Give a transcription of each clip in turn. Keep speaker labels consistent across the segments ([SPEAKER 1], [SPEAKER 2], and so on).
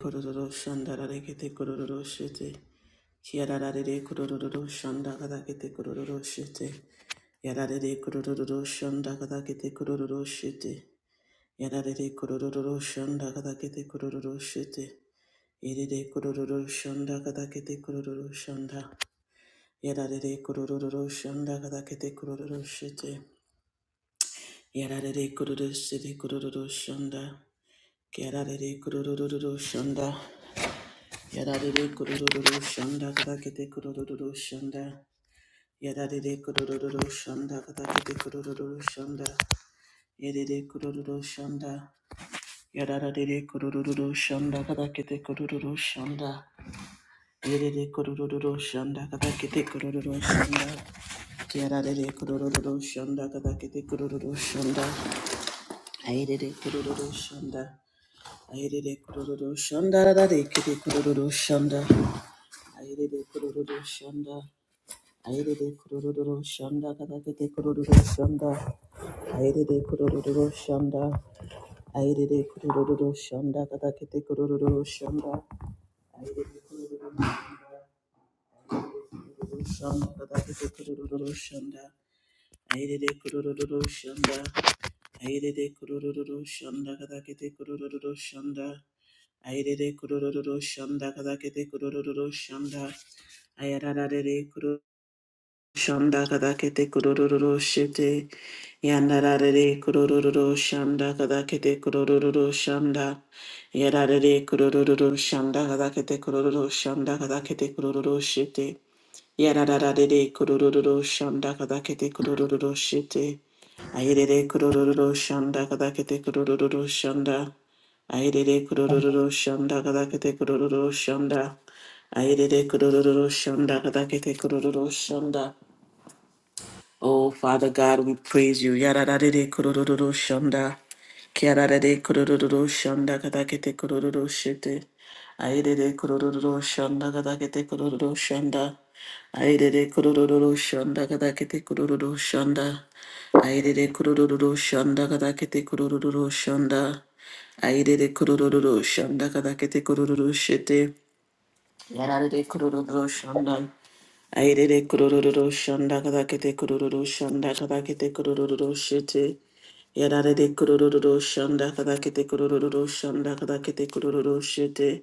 [SPEAKER 1] Kororo shanda rarekete kororo shete. Kiararare kororo shanda kadakete kororo shete. Yararare kororo shanda kadakete kororo shete. Yararare kororo shanda kadakete kororo shete. Irere kororo shanda kadakete kororo shanda. Yararare kororo shanda kadakete kororo shete. Yararare kororo shete kororo shanda. Kiararare kororo shanda. Yadadede kudududu shanda katakete kudududu shanda. Yadadede kudududu shanda katakete kudududu shanda. Yadede kudududu shanda. Yadadede kudududu shanda katakete kudududu shanda. Yadede kudududu shanda katakete kudududu shanda. Yadadede kudududu shanda katakete kudududu shanda. Ayedede kudududu shanda. Ayedede kudududu shanda. Dadadede kete kudududu shanda. Ayedede kudududu shanda. Airede kurororo shanda kadakete kurororo shanda airede kurororo shanda airede kurororo shanda kadakete kurororo shanda Kururu shanda kadakete kurororo shanda airede kurororo shanda airede kurororo shanda kadakete kurororo shanda airede kurororo shanda kadakete kurororo shanda ayararare Shanda kadakete kurororo shete. Yandarare kurororo shanda kadakete kurororo shanda. Yarare kurororo shanda kadakete kurororo shanda kadakete kurororo shete. Yararare kurororo shanda kadakete kurororo shete. Ayerere kurororo shanda kadakete kurororo shanda. Ayerere kurororo shanda kadakete kurororo shanda. Ayerere kurororo shanda kadakete kurororo shanda. Oh, Father God, we praise you. Yadadadede kudududu shanda. Kiadadede kudududu shanda katakete kudududu shete. Aidede kudududu shanda katakete kudududu shanda. Aidede kudududu shanda katakete kudududu shanda. Aidede kudududu shanda katakete kudududu shanda. Aidede kudududu shanda katakete kudududu shete. Yadadede kudududu shanda. Airere kurururu shanda kadakete kurururu shanda kadakete kurururu shete. Yararere kurururu shanda kadakete kurururu shanda kadakete kurururu shete.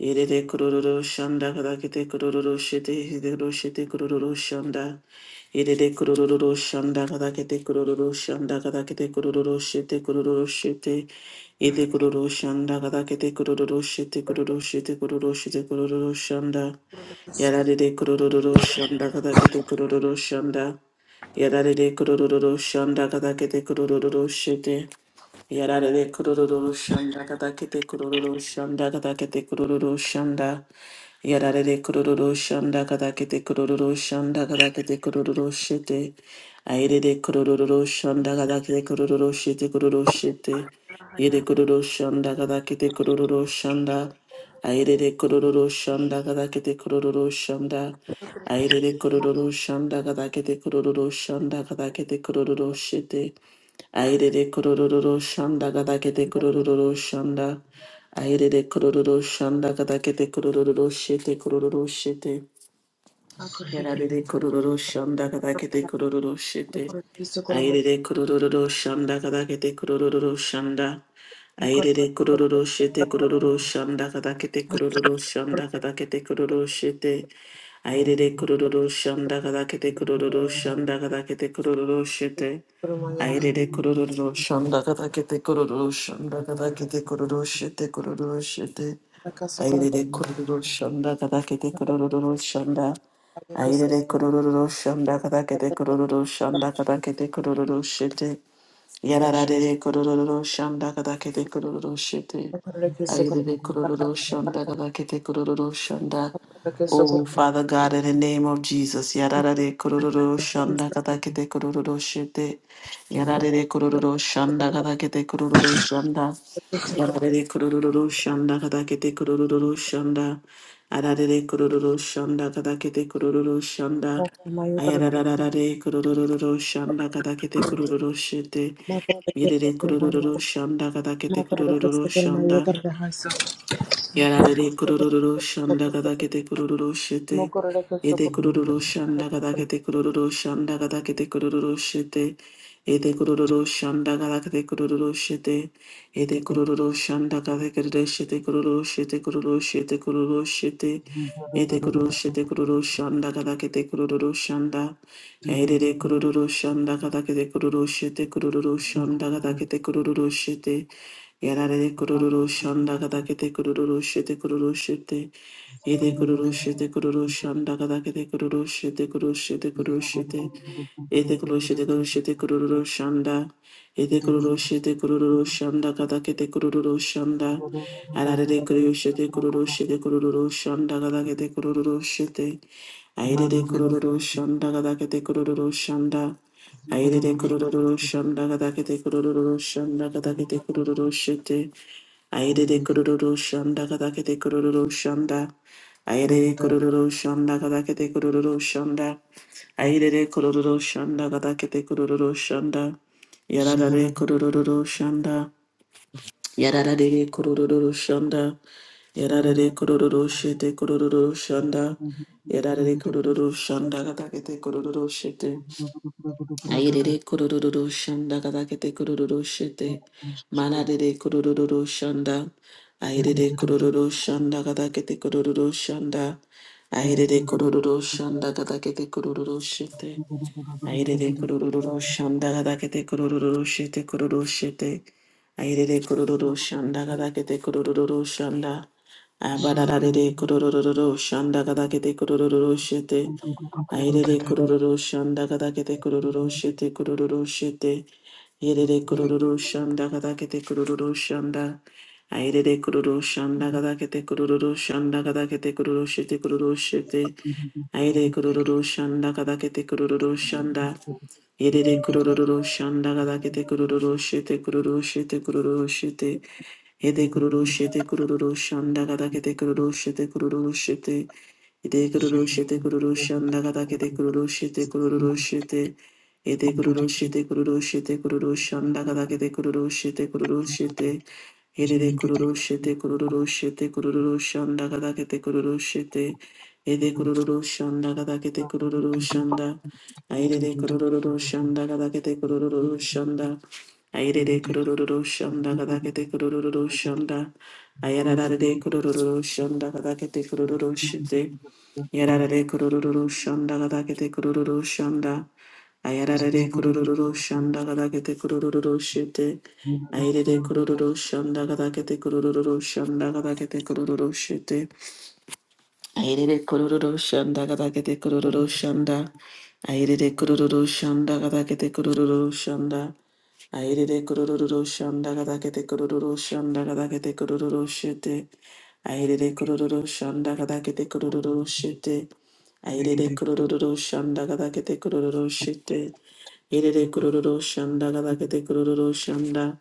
[SPEAKER 1] Irere kurururu shanda kadakete kurururu shete. Hidero shete kurururu shanda. Irere kurururu shanda kadakete kurururu shanda kadakete kurururu shete kurururu shete. Ide kururu shanda kadakete kurururu shete kurururu shete kurururu shete kurururu shanda. Yadadede kurururu shanda kadakete kurururu shanda. Yadadede kurururu shanda kadakete kurururu shete. Yarare kururu shanda kadakete kururu shanda kadakete kururu shanda. Yarare kururu shanda kadakete kururu shanda kadakete kururu shete. Aire kururu shanda kadakete kururu shete kururu shete. Yere kururu shanda kadakete kururu shanda. Aire kururu shanda kadakete kururu shanda. Aire kururu shanda kadakete kururu shanda kadakete kururu shete. Aire Airede kororo shanda gadakete kororo shanda. Aire Airede kororo shanda gadakete kororo shete kororo shete.
[SPEAKER 2] Socorro,
[SPEAKER 1] Yararede kororo shanda gadakete kororo shete. Aire Airede kororo shanda gadakete kororo shanda. Aire Airede kororo shete kororo shanda gadakete kororo shanda gadakete kororo shete. Aire Airede kororo shanda gadakete kororo shanda gadakete kororo shete. Airere kororo shanda kata kete kororo shanda kata kete kororo shete kororo shete. Airere kororo shanda kata kete kororo shanda. Airere
[SPEAKER 3] Mandela
[SPEAKER 1] kororo shanda kata kete kororo shanda kata kete kororo shete. Yararare kororo shanda kada kete kororo shete. Ayurere kororo shanda kada kete kororo shanda. Oh, Father God, in the name of Jesus, yararare kororo shanda kada kete kororo shete. Yararare kororo shanda kada kete kororo shanda. Yararare kororo shanda kada kete kororo shanda. Ararere kororo shanda kada kete kororo shanda. Ayarararare kurururu shanda kadakete kurururu shete. Yedede kurururu shanda kadakete kurururu shanda. Yarare kururu shanda gada kete kururu shete. Ede kururu shanda gada kete kururu shanda gada kete kururu shete. Ede kururu shanda gada kete kururu shete. Ede kururu shanda gada kete shete kururu shete kururu shete kururu shete. Ede kururu shete kururu shanda gada kete kururu shanda. Ede kururu shanda gada kete kururu shete kururu shanda gada kete kururu shete. Yarare kururu shanda kada kete kururu shete kururu shete. Ede kururu shete kururu shanda kada kete kururu shete kururu shete kururu shete. Ede kururu shete kururu shete kururu shanda. Ede kururu shete kururu shanda kada kete kururu shanda. Yarare kururu shete kururu shete kururu shanda kada kete kururu shete. Aire kururu shanda kada kete kururu shanda. Aire de kururu shanda gada kete kururu shanda gada kete kururu shete. Aire de kururu shanda gada kete kururu shanda. Aire de kururu shanda gada kete kururu shanda. Aire de kururu shanda gada kete kururu shanda. Yarada de kururu shanda. Yarada de kururu shanda. Yarada de kururu shete kururu shanda. Yarada de kururu shanda gada kete kururu shete. Ayerere kurururu shanda kadakete kurururu shete. Manadere kurururu shanda. Ayerere kurururu shanda kadakete kurururu shanda. Ayerere
[SPEAKER 3] Thank
[SPEAKER 1] kurururu shanda kadakete kurururu shete. Airere kurururu shandagada kete kurururu shete kururu shete. Airere kurururu shandagada kete kurururu shanda. Abararare kurururu shandagada kete kurururu shete. Airere kurururu shandagada kete kurururu shete kurururu shete. Airere kurururu shandagada kete kurururu shanda. Airere kururu shandagada kete kurururu shandagada kete kururu shete kururu shete. Aire kururu shanda kadakete kururu shanda. Yedede kururu shanda kadakete kururu shete kururu shete kururu shete. Yede kururu shete kururu shanda kadakete kururu shete kururu shete. Ede kururu shete kururu shanda gada kete kururu shete kururu shete. Ede kururu shete kururu shete kururu shanda gada kete kururu shete kururu shete. Ede de kururu shete kururu shete kururu shanda gada kete kururu shete. Ede kururu shanda gada kete kururu shanda. Aire de kururu shanda gada kete kururu shanda. Aire de kururu shanda gada kete kururu shanda. Ayara de kururu shanda gada kete kururu shete.
[SPEAKER 3] you.
[SPEAKER 1] Yarare kurururu shanda gada kete kurururu shanda. Ayarare
[SPEAKER 3] Zugu
[SPEAKER 1] kurururu shanda gada kete kurururu shete. Ayarare kurururu shanda gada kete kurururu shanda gada kete kurururu shete. Airere kororo shanda gada gede kororo shanda. Airere kororo shanda gada gede kororo shanda. Airere kororo shanda gada gede kororo shanda gada gede kororo shete. Airere kororo shanda gada gede kororo shete. Airere kororo shanda gada gede kororo shete. Airere kororo shanda gada gede kororo shanda.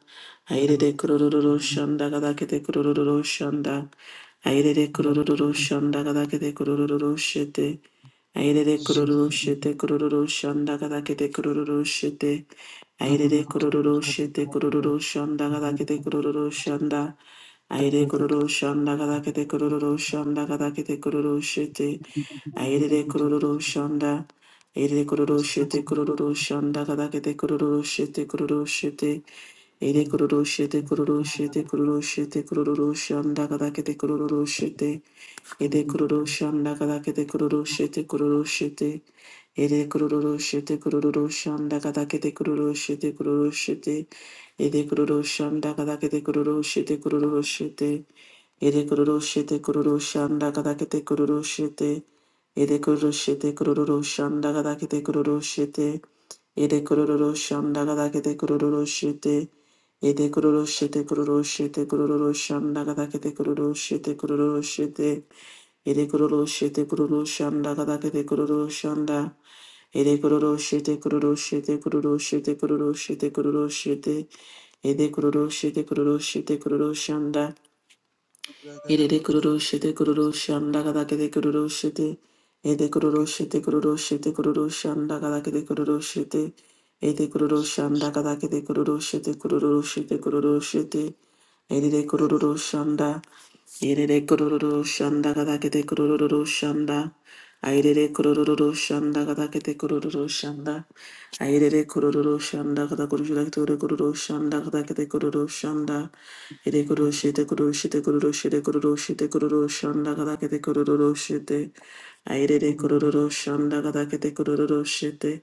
[SPEAKER 1] Airere kororo shanda gada gede kororo shanda. Airere kururu shanda kada kete kururu shete. Airere kururu shete kururu shanda kada kete kururu shete. Airere kururu shete kururu shanda kada kete kururu shanda. Aire kururu shanda kada kete kururu shanda kada kete kururu shete. Airere kururu shanda. Airere kururu shete kururu shanda kada kete kururu shete kururu shete. Ere kororo shete kororo shete kororo shete kororo shanda kada kete kororo shete. Ere kororo shanda kada kete kororo shete kororo Ere kororo shete kororo shanda kada Ere kororo shanda kada kete Ere kororo shete kororo shanda Ere kororo shete kororo shanda Ede kororo shandagada kete kororo shete. Ede kororo shete kororo shete kororo shandagada kete kororo shete kororo shete. Ede kororo shete kororo shandagada kete kororo shanda. Ede kororo shete kororo shete kororo shete kororo shete kororo shete. Ede kororo shete kororo shete kororo shanda. Irede kururu shete kururu shanda kada kede kururu shete. Ede kururu shete kururu shete kururu shanda kada kede kururu shete. Ede kururu shanda kada kede kururu shete kururu shete kururu shete. Ede kururu shanda. Irede kururu shanda kada kede kururu shanda. Airede kururu shanda kada kede kururu shanda. Aire kororo shanda kata kororo kata kororo shanda kata kata kororo shanda. Ere kororo shete kororo shete kororo shete kororo shete kororo shanda kata kata kororo shete. Aire de kororo shanda kata kata kororo shete.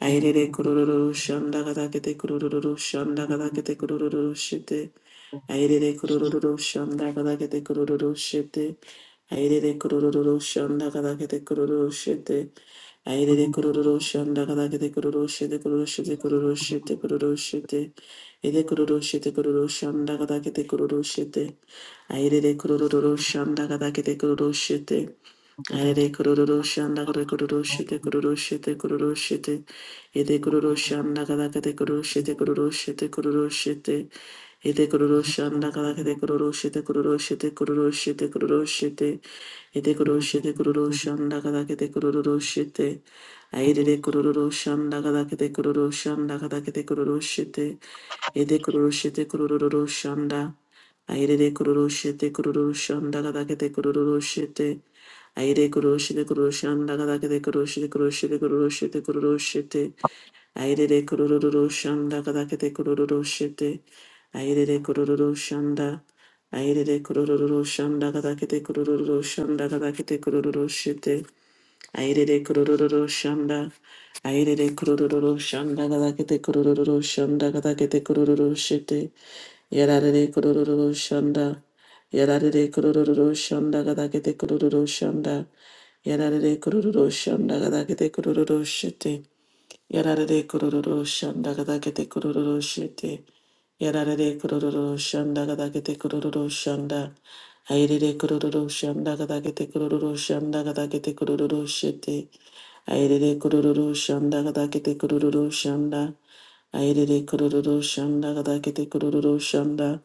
[SPEAKER 1] Aire de kororo shanda kata kata kororo shanda kata kata kororo shete. Aire de kororo shanda kata kata kororo shete. Aire de kororo shanda kata kata kororo shete. Aire de kururusha ndagada de kururusha de kururusha de kururusha de kururusha de Ede kururusha de kururusha ndagada de kururusha de Aire de kururusha ndagada de kururusha
[SPEAKER 3] Thank you.
[SPEAKER 1] Ede kururu shanda kuru kururu shite kururu shite kururu shite. Ede kururu shanda kada kade kururu shite kururu shite kururu shite. Ede kururu shanda kada kade kururu shite kururu shite kururu shite kururu shite. Ede kururu shite kururu shanda kada kade kururu shite. Aide de kururu shanda kada kade kururu shanda kada kade kururu shite. Ede kururu shite kururu shanda. Aire de kururushite kururushanda de kururushite. Aire kururushite kururushanda kadakete kururushite kururushite kururushite kururushite. Aire de kurururushanda de kururushite. Aire de kururushan da. Aire de kurururushanda kadakete kurururushanda kadakete kururushite. Aidede kurururu shanda. Aidede kurururu shanda gadakete kurururu shanda gadakete kurururu shete. Yararede kurururu shanda. Yararede kurururu shanda gadakete kurururu shanda. Yararede kurururu shanda gadakete kurururu shete. Yarade kuru kuru shanda kada kete kuru kuru shete. Yarade kuru kuru shanda kada kete kuru kuru shanda. Airede kuru kuru shanda kada kete kuru kuru shanda kada kete kuru kuru shete. Airede kuru kuru shanda kada kete kuru kuru shanda. Airede kuru kuru shanda kada kete kuru kuru shanda.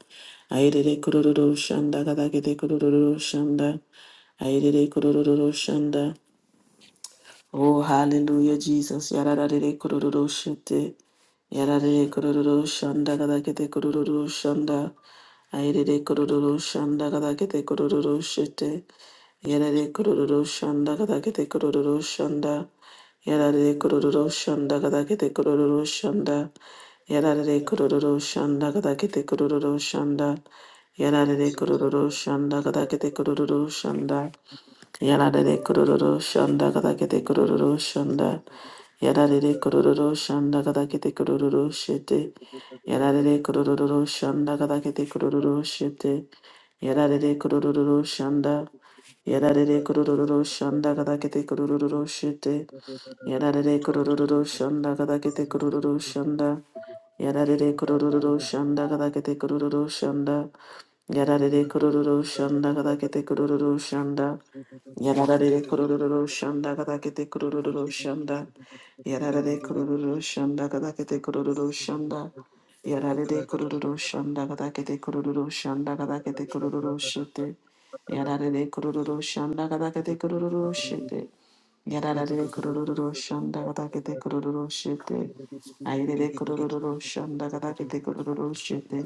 [SPEAKER 1] Airede kuru kuru shanda. Oh, hallelujah, Jesus. Yararare kururu shite. Yararare kururu shanda gadakete kururu shanda. Airere kururu shanda gadakete kururu shite. Yarare kururu shanda gadakete kururu shanda. Yarare kururu shanda gadakete kururu shanda. Yarare kururu shanda gadakete kururu shanda. Yarare kururu shanda gadakete kururu shanda. Yarare kororo shanda kadakete kororo shanda. Yarare kororo shanda kadakete kororo shete. Yarare kororo shanda kadakete kororo shete. Yarare kororo shanda. Yarare kororo shanda kadakete kororo shete. Yarare kororo shanda kadakete kororo shanda. Yarare
[SPEAKER 3] Thank
[SPEAKER 1] kororo shanda kadakete kororo shanda. Yarare kororo shanda kadakete kororo shanda. Yarare kororo shanda kadakete kororo shanda. Yarare kororo shanda kadakete kororo shanda. Yarare kororo shanda kadakete kororo shanda kadakete kororo shite. Yarare kororo shanda kadakete kororo shite. Yararare kurururu shanda katakete kurururu shete. Ayrere kurururu shanda katakete kurururu shete.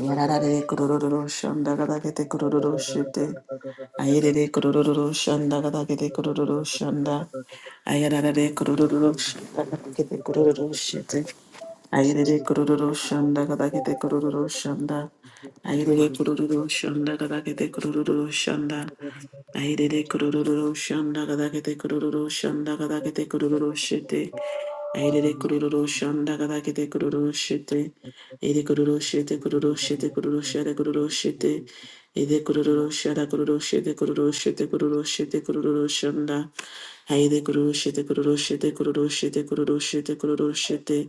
[SPEAKER 1] Yarare kororo shanda gada gete kororo shite.
[SPEAKER 3] you.
[SPEAKER 1] Ayerere kororo shanda gada gete kororo shanda. Ayarare kororo shanda gada gete kororo shite. Ayerere kororo shanda gada gete kororo shanda. Ayerere kororo shanda gada gete kororo shanda. Ayerere kororo shanda gada gete kororo shanda gada gete kororo shite. Ayerere kororo shanda gada gete kororo shite. Ede kororo shete kororo shete
[SPEAKER 3] Thank
[SPEAKER 1] kororo shete kororo shete. Ede kororo shete kororo shete kororo shete kororo shete kororo shanda. Ede kororo shete kororo shete kororo shete kororo shete kororo shete.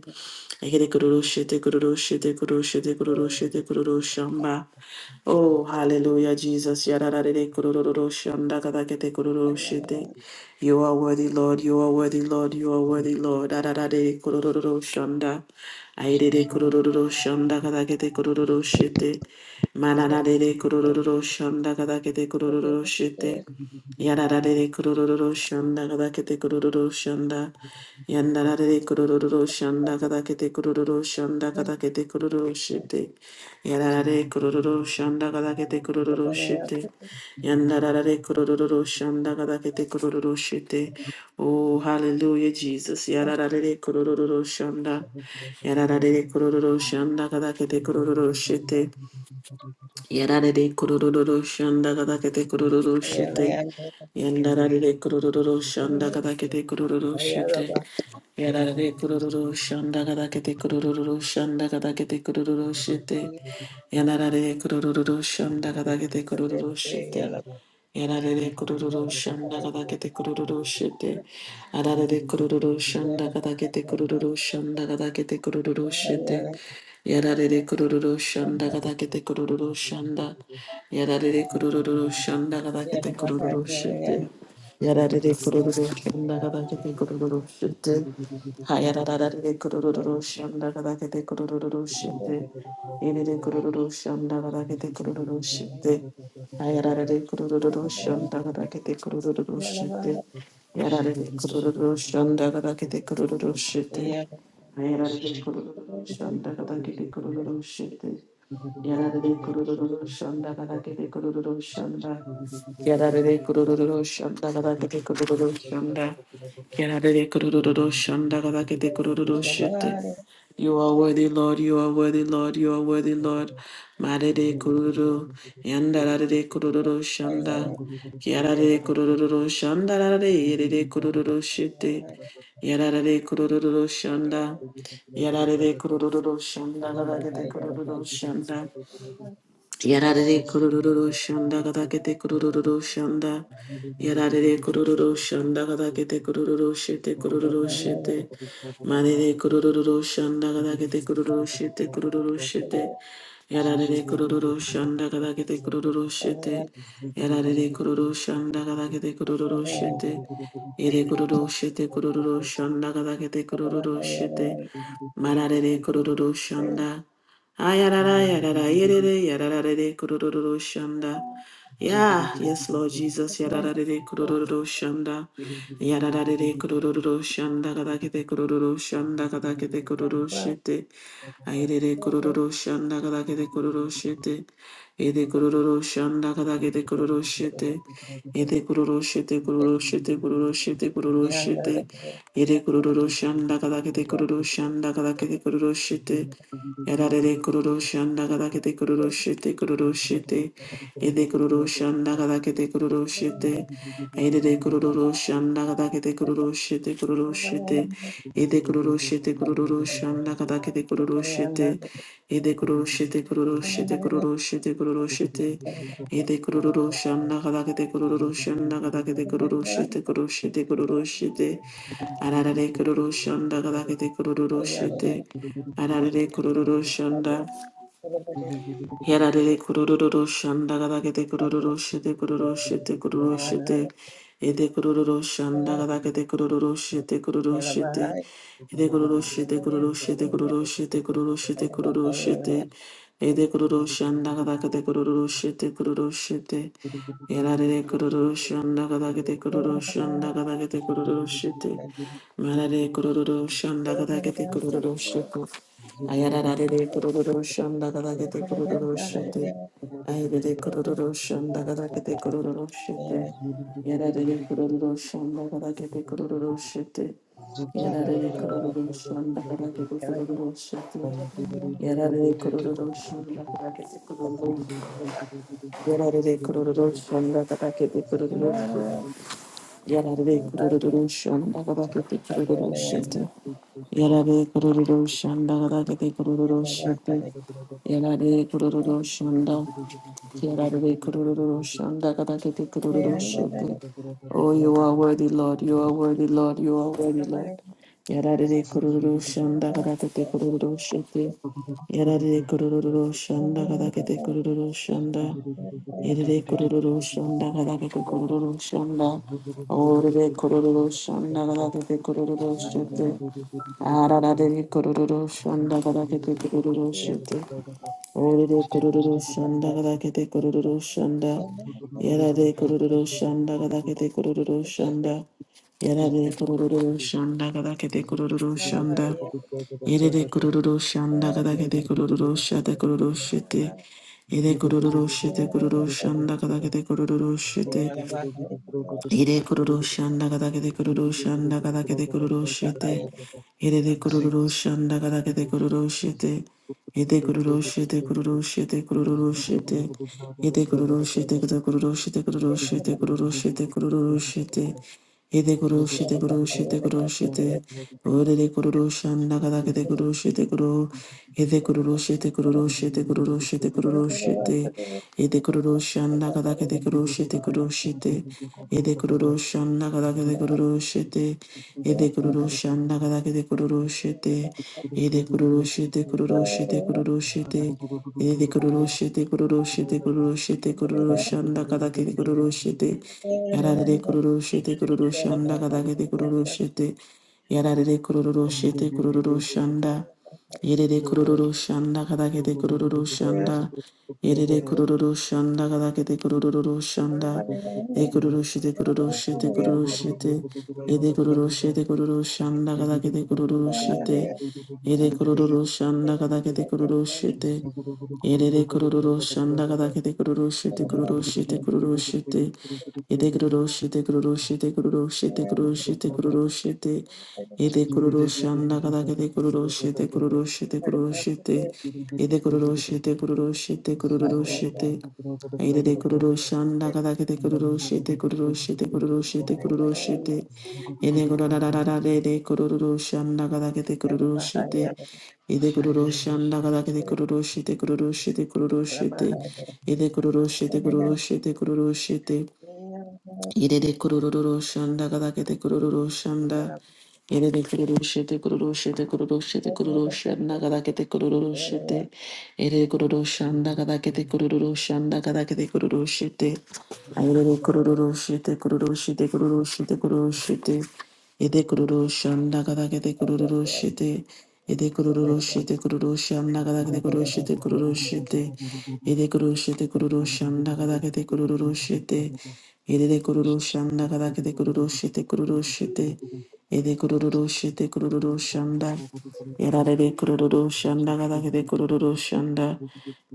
[SPEAKER 1] Ekere kururu shete kururu shete kururu shete kururu shete kururu shamba. Oh, hallelujah, Jesus. Yarararere kururu shanda katakete kururu shete. You are worthy, Lord. You are worthy, Lord. You are worthy, Lord. Arararere kururu shanda. Airere kururu shanda katakete kururu shete. Mananarere kururu shanda katakete kururu shete. Yararare kurururu shanda kadakete kurururu shanda. Yandarare kurururu shanda kadakete kurururu shanda kadakete kurururu shite. Yararare kurururu shanda kadakete kurururu shite. Yandarare kurururu shanda kadakete kurururu shite. Oh, hallelujah, Jesus. Yararare kurururu shanda. Yararare kurururu shanda kadakete kurururu shite. Yarare kurururu shanda kada kete kurururu shite. Yandarare kurururu shanda kada kete kurururu shite. Yarare kurururu shanda kada kete kurururu shanda kada kete kurururu shite. Yandarare kurururu shanda kada kete kurururu shite. Yarare kururu shanda kada kete kururu shete. Arare kururu shanda kada kete kururu shanda kada kete kururu shete. Yarare kururu shanda kada kete kururu shanda. Yarare kururu shanda kada kete kururu
[SPEAKER 3] you.
[SPEAKER 1] shete.
[SPEAKER 3] Thank
[SPEAKER 1] Yarare kururu shanda kada kete kururu shete. Hayarare kururu shanda kada kete kururu shete. Yarare kururu shanda kada kete kururu shete. Ayararare kurururu shandarakete kurururu
[SPEAKER 4] Yeah,
[SPEAKER 1] shite. Yararare kurururu shandarakete kurururu shite. Ayararare kurururu shandarakete kurururu shite. Yararare kurururu shandarakete kurururu shanda. Yarare kurururu shanda gadakete kurururu shanda. Yarare kurururu shanda gadakete kurururu shite. You are worthy, Lord. You are worthy, Lord. You are worthy, Lord. Marere kururu. Yandarare
[SPEAKER 3] you.
[SPEAKER 1] kurururu shanda.
[SPEAKER 3] Zugu
[SPEAKER 1] Yarare kurururu shanda. Rare yerere kurururu shite. Yarare kurururu shanda. Yarare kurururu shanda gadakete kurururu shanda. Yarare kururu shanda gada kete kururu shanda. Yarare kururu shanda gada kete kururu shete kururu shete. Marere kururu shanda gada kete kururu shete kururu shete. Yarare kururu shanda gada kete kururu shete. Yarare kururu shanda gada kete kururu shete. Ere kururu shete kururu shanda gada kete kururu shete. Marare kururu shanda. Ayarara, yarara, yerere, yarararere, kurururu, shanda.
[SPEAKER 3] Thank
[SPEAKER 1] Yeah, yes, Lord Jesus. Yarararere, kurururu, shanda. Yarararere, kurururu, shanda, kadakete, kurururu, shanda, kadakete, kururu, shite. Ayerere, kurururu, shanda, kadakete, kururu, shite. Ede, kurururu, shanda, kadakete, kururu, shite. Ede, kururu, shite, kururu, shite, kururu, shite, kururu, shite. Ede, kurururu, shanda, kadakete, kururu, shanda, kadakete, kururu, shite. Yarare kururushan dagadakete
[SPEAKER 4] Yeah.
[SPEAKER 1] kururushite kururushite. Ede kururushan dagadakete kururushite. Ede kururushan dagadakete kururushite kururushite. Ede kururushite kururushan dagadakete kururushite. Ede kururushite
[SPEAKER 3] you.
[SPEAKER 1] kururushite kururushite
[SPEAKER 3] Thank
[SPEAKER 1] kururushite. Ede kururushan dagadakete kururushan dagadakete kururushite kururushite kururushite. Ararare kururushan dagadakete kururushite. Ararere kururu shanda. Yararere kururu shanda gadagete kururu shete kururu shete kururu shete. Ede kururu shanda gadagete kururu shete kururu shete. Ede kururu shete kururu shete kururu shete kururu shete kururu shete. Ede kururu shanda gadagete kururu shete kururu shete. Yararere kururu shanda gadagete kururu shanda gadagete kururu shete. Marare kururu shanda gadagete kururu shete. Ayararare kororo shanda gada
[SPEAKER 3] you.
[SPEAKER 1] gete kororo shete.
[SPEAKER 3] Zugu
[SPEAKER 1] Ayarare kororo shanda gada gete kororo shete. Yararare kororo shanda gada gete kororo shete. Yararare kororo shanda gada gete kororo shete. Yararare kororo shanda gada gete kororo
[SPEAKER 4] Yeah.
[SPEAKER 1] shete. Yararare kororo shanda gada gete kororo shete. Yarare kururu shanda kabakete kururu shite. Yarare kururu shanda kabakete kururu shite. Yarare kururu shanda. Yarare kururu shanda kabakete kururu shite. Oh, you are worthy, Lord. You are worthy, Lord. You are worthy, Lord. Yarare kururu shanda kabakete kururu shite.
[SPEAKER 3] Zip,
[SPEAKER 1] Yarare kururu shanda kabakete kururu shanda. Erere kororo shanda galate te kororo shanda. Orere kororo shanda galate te kororo shete. Ararare kororo shanda galate te kororo shete. Orere kororo shanda gadakete kororo shanda. Yarare kororo shanda gadakete kororo shanda. Yarare kororo shanda gadakete kororo shanda. Yerere kororo shanda gadakete kororo shate kororo shete. Yere kororo shete kororo shanda gadakete kororo
[SPEAKER 3] Zig
[SPEAKER 1] shete. Ire kururu shanda gada gede kururu shanda gada gede kururu shete. Ire de kururu shanda gada gede kururu shete. Ide kururu shete kururu shete kururu shete. Ide kururu shete gada kururu shete kururu shete kururu shete kururu shete. Ide kururu shete kururu shete kururu shete. Ore de kururu shanda gada gede kururu shete kuru. Ide kururu shete
[SPEAKER 4] Yeah.
[SPEAKER 1] kururu shete kururu shete kururu
[SPEAKER 4] Bahaya,
[SPEAKER 1] shete. Ide kururu shanda gada gede kururu shete kururu shete. Ede kururu shanda kada kede kururu shete. Ede kururu shanda kada kede kururu shete. Ede kururu shete kururu shete kururu
[SPEAKER 3] Zugu
[SPEAKER 1] shete. Ede kururu shete kururu shete kururu shete kururu shanda kada kede kururu shete. Yarare kururu shete kururu shanda kada kede kururu shete. Yarare kururu shete kururu shanda. Yerere kururu shanda kada kede kururu shanda. Yerere kururu shanda kada kede kururu shanda. Ekururuşite kururuşite kururuşite. Ede kururuşite kururuşan da kadakete kururuşite. Ede kururuşan da kadakete kururuşite. Yerere kururu shanda gada kete kururu shete kururu shete kururu shete. Ede kururu shete kururu shete kururu shete kururu shete kururu shete. Ede kururu
[SPEAKER 3] Thank
[SPEAKER 1] shanda gada kete kururu shete kururu shete kururu shete. Ede kururu shete kururu shete kururu shete. Ede de kururu shanda gada kete kururu shete kururu shete kururu shete kururu shete. Ede kururu shanda gada kete kururu shete.
[SPEAKER 4] bahaya,
[SPEAKER 1] Ede kururoshi anda kada kede
[SPEAKER 4] bahaya.
[SPEAKER 1] kururoshi te kururoshi te kururoshi te.
[SPEAKER 4] Everybody
[SPEAKER 1] kururoshi te kururoshi te kururoshi Irede kururu shanda gadakete kururu shanda. Irede kururu shete kururu shete kururu shete kururu shanda gadakete kururu shete. Irede kururu shanda gadakete kururu shanda gadakete kururu shete. Irede kururu shete kururu shete kururu shete kururu shete. Ede kururu shanda gadakete kururu shete. Ede kururu shete kururu shanda gadakete kururu shete kururu shete. Ede kururu shete kururu shanda gadakete kururu shete. Yedede kururu shanda kada kete kururu shete kururu shete. Yede kururu shete kururu shanda. Yararede kururu shanda kada kete kururu shanda.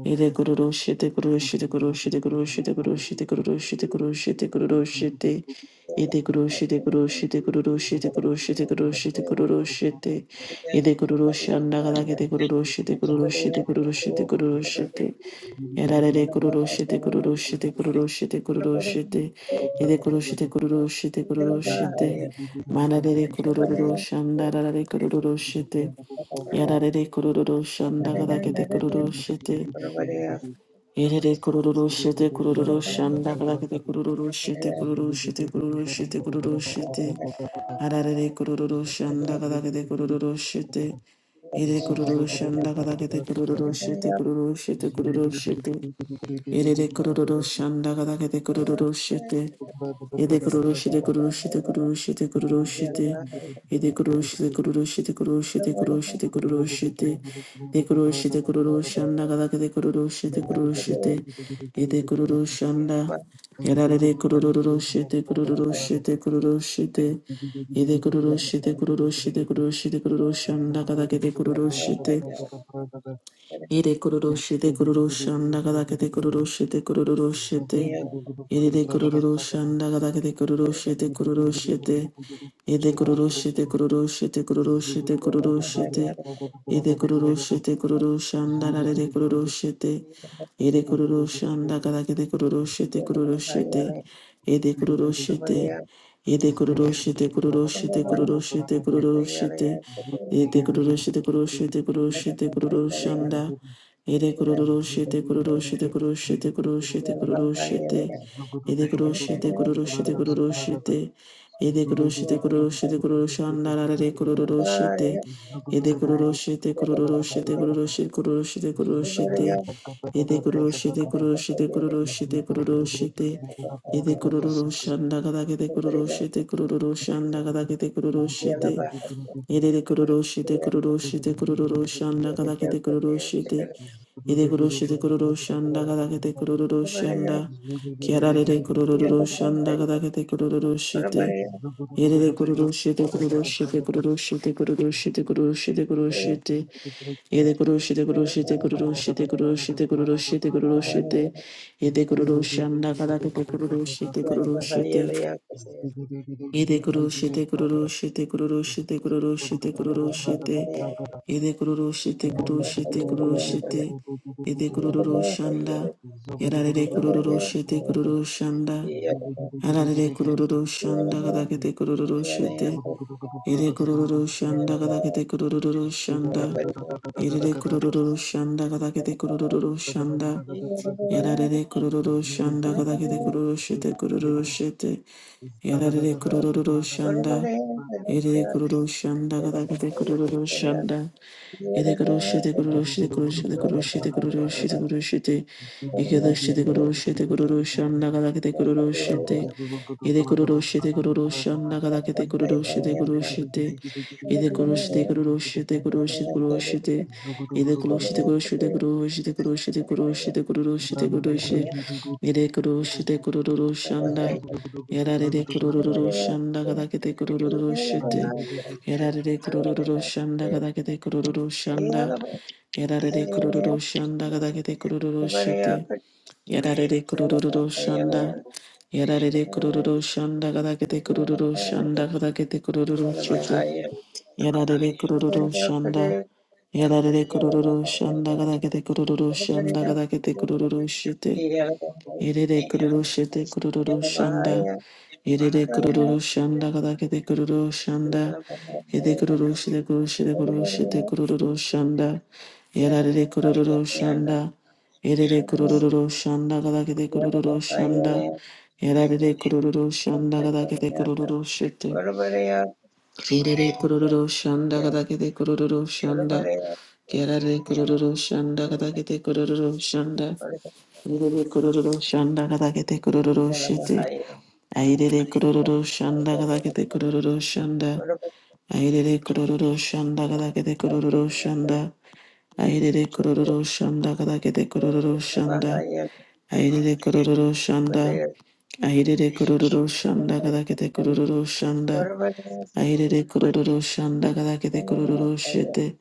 [SPEAKER 1] Yede kururu shete kururu shete kururu shete kururu shete kururu
[SPEAKER 3] you.
[SPEAKER 1] shete kururu shete kururu shete kururu shete.
[SPEAKER 3] Thank
[SPEAKER 1] Yede kururu shete kururu shete kururu shete kururu shete kururu shete kururu shete. Yede kururu shanda kada kete kururu shete kururu shete kururu shete kururu shete. Yarare kururushite kururushite kururushite kururushite ide kurushite kururushite kururushite manarere kurururushanda rarare kurururushite yararere kurururushanda kadakete kururushite irere kurururushite kurururushanda kadakete kurururushite kururushite kururushite kururushite ararere kurururushanda kadakete kurururushite ire kurururushanda kadakete
[SPEAKER 3] you.
[SPEAKER 1] kurururushite kurururushite
[SPEAKER 3] Zugu
[SPEAKER 1] kurururushite Erere kururu shanda gada gede kururu shete. Ede kururu shete kururu shete kururu shete kururu shete. Ede kururu shete kururu shete kururu shete kururu shete kururu shete. De kururu shete kururu shanda gada gede kururu shete kururu shete. Ede kururu shanda. Yarare kururu shete kururu shete kururu shete. Ede kururu shete kururu shete kururu shete kururu shanda gada gede kururu shete. Ere kororo shete kororo shanda kada kete kororo shete kororo shete. Ere de kororo shanda kada kete
[SPEAKER 3] Zugu
[SPEAKER 1] kororo shete kororo shete. Ede kororo shete kororo shete kororo shete kororo shete. Ede kororo shete kororo shanda rare de kororo shete. Ede kororo shanda kada kete kororo shete kororo shete. Ede kororo shete. Ede kororo shete kororo shete Ede kororo shete kororo shete Ede kururu shete kururu shete kururu Ede kururu shete kururu Ede kururu shete kururu
[SPEAKER 4] Yeah,
[SPEAKER 1] shete kururu
[SPEAKER 4] Yeah.
[SPEAKER 1] Ede kururu shete kururu shete kururu
[SPEAKER 3] Thank
[SPEAKER 1] Ede kururu shete kururu shete Ede kururu shandagada kete kururu shete kururu Ede kururushite kururushite kururushanda kadakete kururushite. Ede kururushite kururushanda kadakete kururushanda. Kiararere kururushanda kadakete kururushite. Ede kururushite kururushite kururushite kururushite kururushite kururushite. Ede kururushite kururushite kururushite kururushite kururushite kururushite. Ede kururushanda kadakete kururushite kururushite. Ede guru shite guru shite guru
[SPEAKER 3] you.
[SPEAKER 1] shite guru shite
[SPEAKER 3] Zagada
[SPEAKER 1] guru shite Ede guru shite guru shite guru shite Ede guru shanda Yarare guru shite guru shanda Arare guru shanda
[SPEAKER 4] Yeah.
[SPEAKER 1] gadagete guru shite Ede guru shanda gadagete guru shanda Ede guru shanda gadagete guru shanda Yarare kururu shanda kadakete kururu shete kururu shete. Yarare kururu shanda. Ere kururu shanda kadakete kururu shanda. Ere kururu shete kururu shete kururu shete kururu shete kururu shete kururu shete. Ikeda shete kururu shete kururu shanda kadakete kururu
[SPEAKER 3] Zugu
[SPEAKER 1] shete. Ere kururu shete kururu shanda kadakete kururu shete kururu shete. Ere kururu shete kururu shete kururu shete kururu shete. Ede kurushi de kurushi de kurushi de kurushi de kurushi de kurushi de kurushi. Ede kurushi de kururu shanda. Yarare de kururu shanda kadake de kururu shite. Yarare de kururu shanda kadake de kururu shanda.
[SPEAKER 4] Yeah.
[SPEAKER 1] Yarare de kururu shanda kadake de kururu shite. Yarare de kururu shanda. Yarare de kururu shanda kadake de kururu shanda kadake de kururu shite. Yarare kururu shanda. Yarare kururu shanda gada kete kururu shanda gada kete kururu shite. Irere kururu shite kururu shanda. Irere kururu shanda gada kete kururu shanda. Ede kururu shite kururu shite kururu shite kururu shanda. Yarare kururu shanda. Irere kururu shanda gada kete kururu shanda. Yarare kururu shanda gada kete kururu shite. Kururu shanda kada kete kururu shanda. Kerare kururu shanda kada kete kururu shanda. Irere kururu shanda kada kete kururu shite. Airere kururu shanda kada kete kururu shanda. Airere kururu shanda kada kete kururu shanda. Airere kururu shanda kada kete kururu shanda. Airere kururu shanda. Airere kururu shanda kada kete kururu shanda. Airere kororo shanda kada kete kororo shete.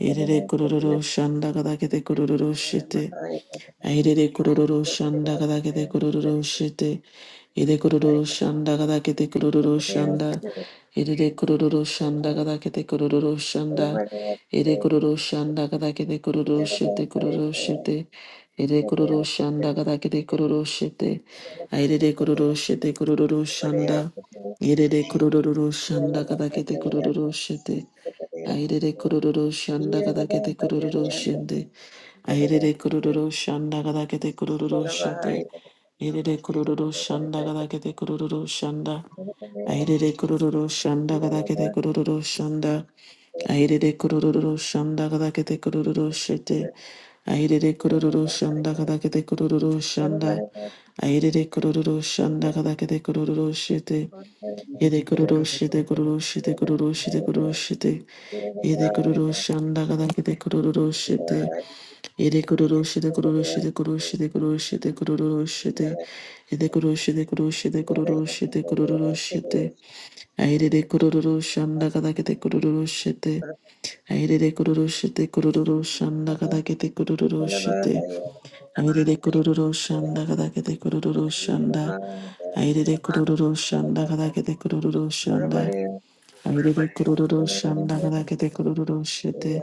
[SPEAKER 1] Airere kororo shanda kada kete kororo shete.
[SPEAKER 4] Thank
[SPEAKER 1] Airere kororo shanda kada kete kororo shete. Ede kororo shanda kada kete kororo shanda. Ede de kororo shanda kada kete kororo shanda. Ede kororo shanda kada kete kororo shete kororo shete. Ede kororo shanda kada kete kororo shete. Airere kororo shete kororo shanda. Ede de kororo shanda kada kete kororo shete. Airere
[SPEAKER 4] you.
[SPEAKER 1] kororo
[SPEAKER 4] Thank
[SPEAKER 1] shanda kada kete kororo shende. Aherere kururu shanda gada kete kururu shete. Aherere kururu shanda gada kete kururu shanda. Aherere kururu shanda gada kete kururu shanda. Aherere kururu shanda gada kete kururu shete. Aherere kururu shanda gada kete kururu shanda. Aherere kururu shanda gada kete kururu shete. Yede kururu shete kururu shete kururu shete kururu shete. Yede kururu shanda gada kete kururu shete. Yede kururu shide kururu shide kururu shide kururu shide kururu shide. Yede kururu shide kururu shide kururu shide kururu shide. Aire de kururu shanda kada kete kururu shide. Aire de kururu shide kururu shanda kada kete kururu shide. Aire de kururu shanda kada kete kururu shanda. Aire de kururu shanda kada kete kururu shanda.
[SPEAKER 4] you.
[SPEAKER 1] Airere kururu shanda kada kete kururu shete.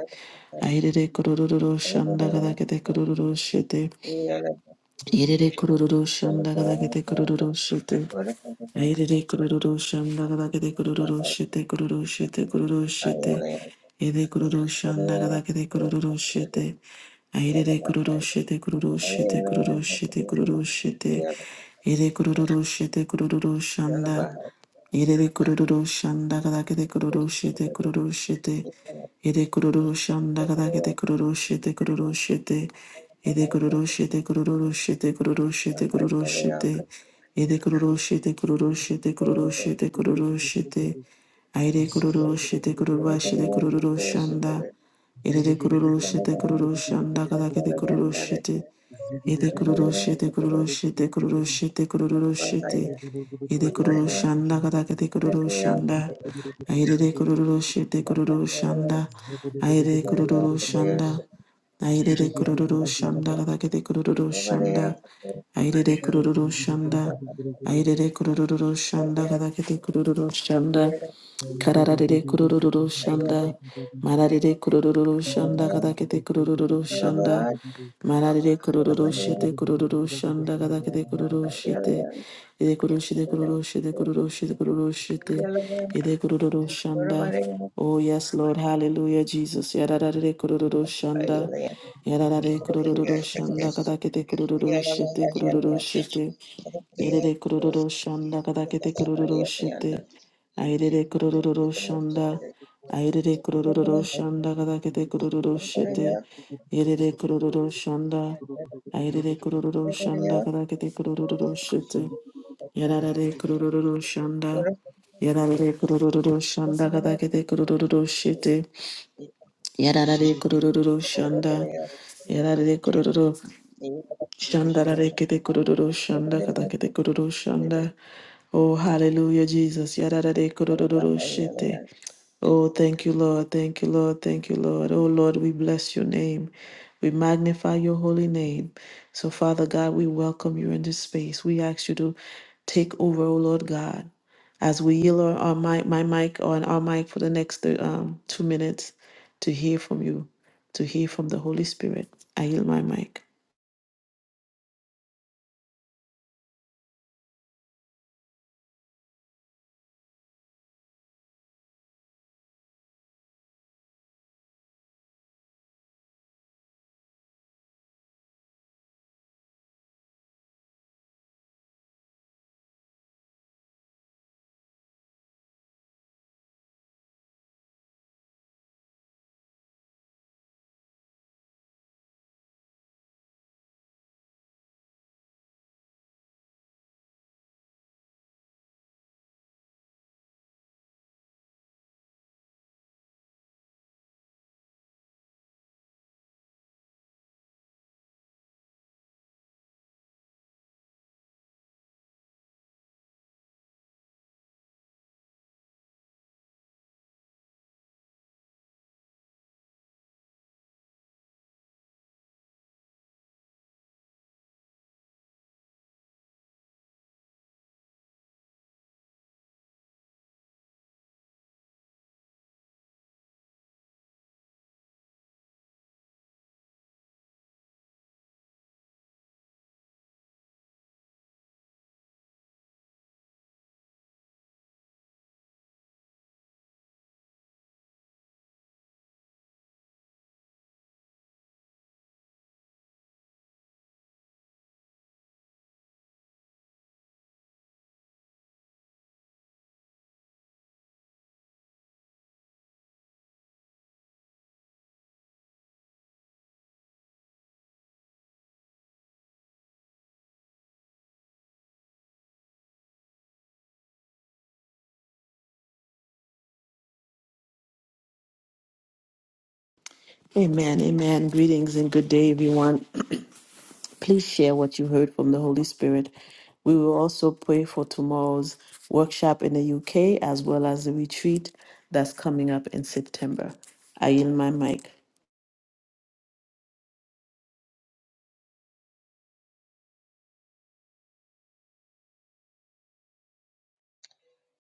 [SPEAKER 1] Airere kururu shanda kada kete kururu shete. Airere kururu shanda kada kete kururu shete. Airere kururu shanda gada kete kururu shete kururu shete kururu shete. Ede kururu shanda gada gede kururu shete. Airere kururu shete kururu shete kururu shete kururu shete. Ede kururu shete kururu shanda. Ede kururu shanda gada kete kururu shete kururu shete. Ede kururu shanda gada kete kururu shete kururu shete. Ede kururu shete kururu shete kururu shete kururu shete. Ede kururu shete kururu shete kururu shete kururu shete. Aire kururu shete kururu shete kururu shanda. Ede kururu shete kururu shanda kadakete kururu shete.
[SPEAKER 3] Thank
[SPEAKER 1] Ede kururu shete kururu shete kururu shete kururu shete. Ede kururu shanda katakete kururu shanda. Aire de kururu shete kururu
[SPEAKER 4] Yeah.
[SPEAKER 1] shanda. Aire kururu shanda. Aire de kururu shanda katakete kururu shanda. Aire de kururu shanda. Aire de kururu shanda katakete kururu shanda. Karararere kurururu shanda. Mararere kurururu shanda kadakete kurururu shanda. Mararere kurururu shete kurururu shanda kadakete kurururu shete. Ede kurushite kururushite kururushite kururushite. Ede kurururu shanda. Oh yes, Lord. Hallelujah, Jesus. Yarararere kurururu shanda. Yarararere kurururu shanda kadakete kurururu shete kurururu shete. Yedede kurururu shanda kadakete kurururu shete. Airere kururu shanda. Airere kururu shanda kadakete kururu shete. Airere kururu shanda. Airere kururu shanda kadakete kururu shete.
[SPEAKER 4] Yeah.
[SPEAKER 1] Yararare
[SPEAKER 3] you.
[SPEAKER 1] kururu shanda.
[SPEAKER 4] Good
[SPEAKER 1] Yararare kururu shanda kadakete kururu shete. Yararare kururu shanda. Yararare kururu. Shanda da de kete kururu shanda kata kete kururu shanda. Oh, hallelujah, Jesus. Yada da de kururu shete. Oh, thank you, Lord. Thank you, Lord. Thank you, Lord. Oh, Lord, we bless your name. We magnify your holy name. So, Father God, we welcome you in this space. We ask you to take over, oh Lord God, as we yield our, our mic, my mic on our mic for the next uh, um, two minutes to hear from you, to hear from the Holy Spirit. I yield my mic. Amen, amen. Greetings and good day, everyone. Please share what you heard from the Holy Spirit. We will also pray for tomorrow's workshop in the UK as well as the retreat that's coming up in September. I yield my mic.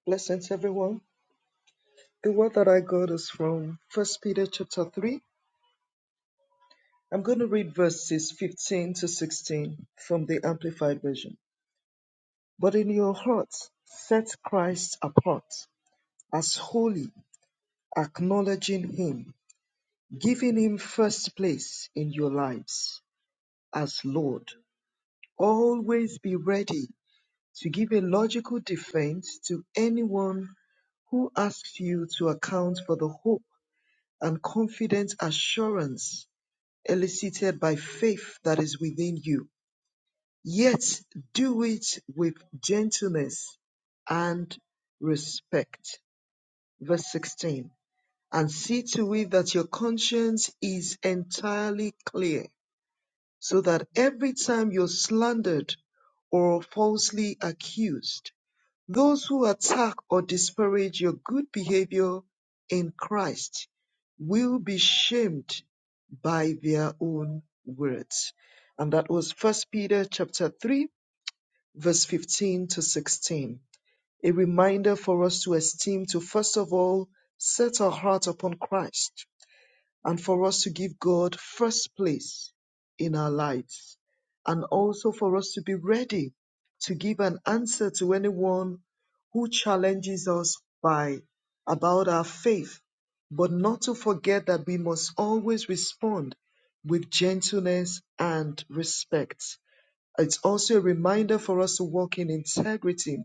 [SPEAKER 3] Blessings, everyone. The word that I got is from First Peter chapter three. I'm going to read verses 15 to 16 from the Amplified Version. But in your hearts, set Christ apart as holy, acknowledging Him, giving Him first place in your lives as Lord. Always be ready to give a logical defense to anyone who asks you to account for the hope and confident assurance elicited by faith that is within you. Yet do it with gentleness and respect. Verse 16. And see to it that your conscience is entirely clear, so that every time you're slandered or falsely accused, those who attack or disparage your good behavior in Christ will be shamed by their own words. And that was First Peter 3, verse 15. A reminder for us to esteem to fall, set our heart upon Christ, and for us to give God first place in our lives, and also for us to be ready to give an answer to anyone who challenges by about our faith, but not to forget we must always respond with gentleness and respect. It's also a reminder for us to walk in integrity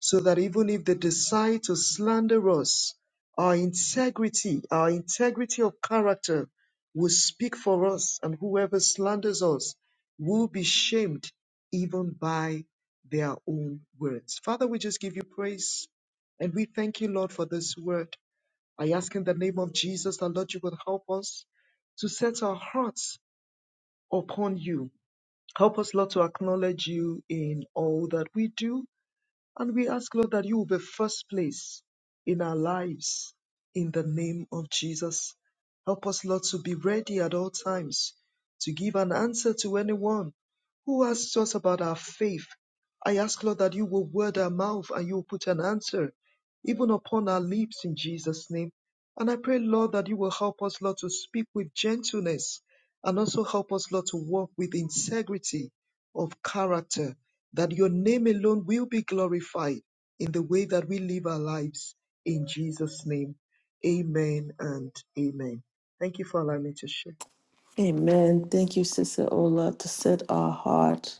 [SPEAKER 3] so that even if they decide to slander us, our integrity, our integrity of character will speak for us, and whoever slanders us will be shamed even by their own words. Father, we just give you praise and we thank you, Lord, for this word. I ask in the name of Jesus that, Lord, you will help us to set our hearts upon you. Help us, Lord, to acknowledge you in all that we do and we ask, Lord, that you will be first place in our lives in the name of Jesus. Help us, Lord, to be ready at all times to give an answer to anyone who asks us about our faith. I ask, Lord, that you will word our mouth and you will put an answer even upon our lips in Jesus' name. And I pray, Lord, that you will help us, Lord, to speak with gentleness and also help us, Lord, to walk with integrity of character that your name alone will be glorified in the way that we live our lives. In Jesus' name, amen and amen. Thank you for allowing me to share.
[SPEAKER 1] Amen. Thank you, Sister Ola, to set our heart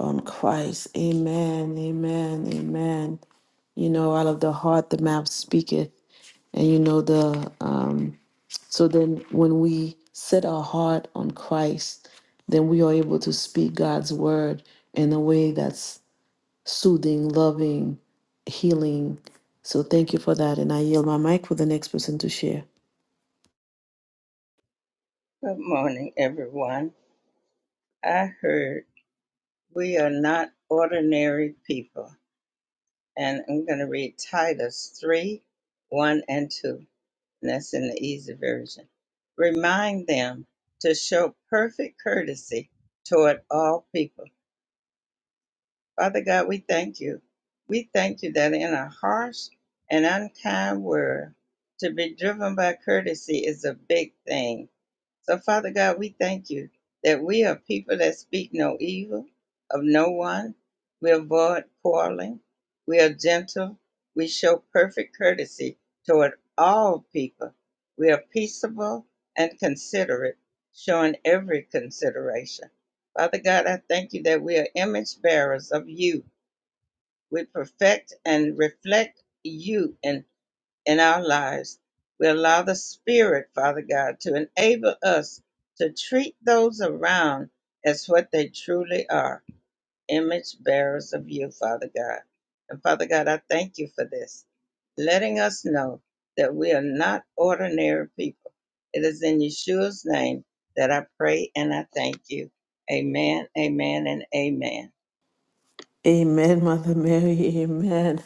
[SPEAKER 1] on Christ. Amen, amen, amen. You know, out of the heart, the mouth speaketh. And you know, the. um, So then, when we set our heart on Christ, then we are able to speak God's word in a way that's soothing, loving, healing. So thank you for that. And I yield my mic for the next person to share.
[SPEAKER 4] morning, everyone. I heard we are not ordinary people. And I'm going to read Titus 3 1 and 2. And that's in the easy version. Remind them to show perfect courtesy toward all people. Father God, we thank you. We thank you that in a harsh and unkind world, to be driven by courtesy is a big thing. So, Father God, we thank you that we are people that speak no evil of no one. We avoid quarreling. We are gentle. We show perfect courtesy toward all people. We are peaceable and considerate, showing every consideration. Father God, I thank you that we are image bearers of you. We perfect and reflect you in in our lives. We allow the Spirit, Father God, to enable us to treat those around as what they truly are image bearers of you, Father God. And Father God, I thank you for this, letting us know that we are not ordinary people. It is in Yeshua's name that I pray and I thank you. Amen, amen, and amen.
[SPEAKER 1] Amen, Mother Mary. Amen.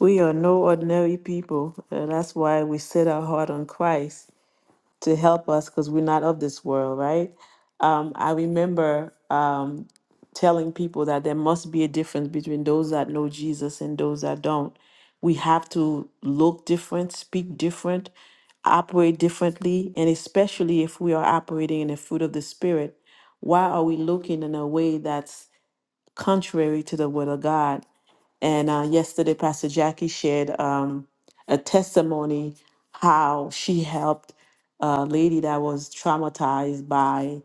[SPEAKER 1] We are no ordinary people. and that's why we set our heart on Christ to help us because we're not of this world, right? Um, I remember telling people that there must be a difference between those that know Jesus and those that don't. We have to look different, speak different, operate differently, and especially if we are operating in the fruit of the Spirit, why are we looking in a way that's contrary to the Word of God? And uh, yesterday, Pastor Jackie shared um, a testimony how she helped a lady that was traumatized by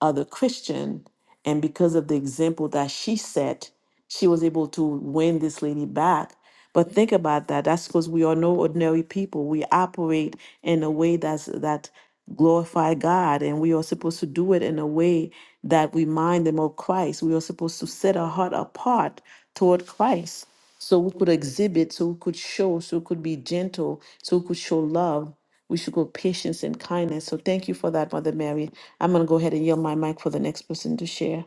[SPEAKER 1] other Christian, and because of the example that she set she was able to win this lady back. But think about that. That's because we are no ordinary people. We operate in a way that's that glorify God, and we are supposed to do it in a way that remind them of Christ. We are supposed to set our heart apart toward Christ, so we could exhibit, so we could show, so we could be gentle, so we could show love. We should go patience and kindness. So thank you for that, Mother Mary. I'm gonna go ahead and yield my mic for the next person to share.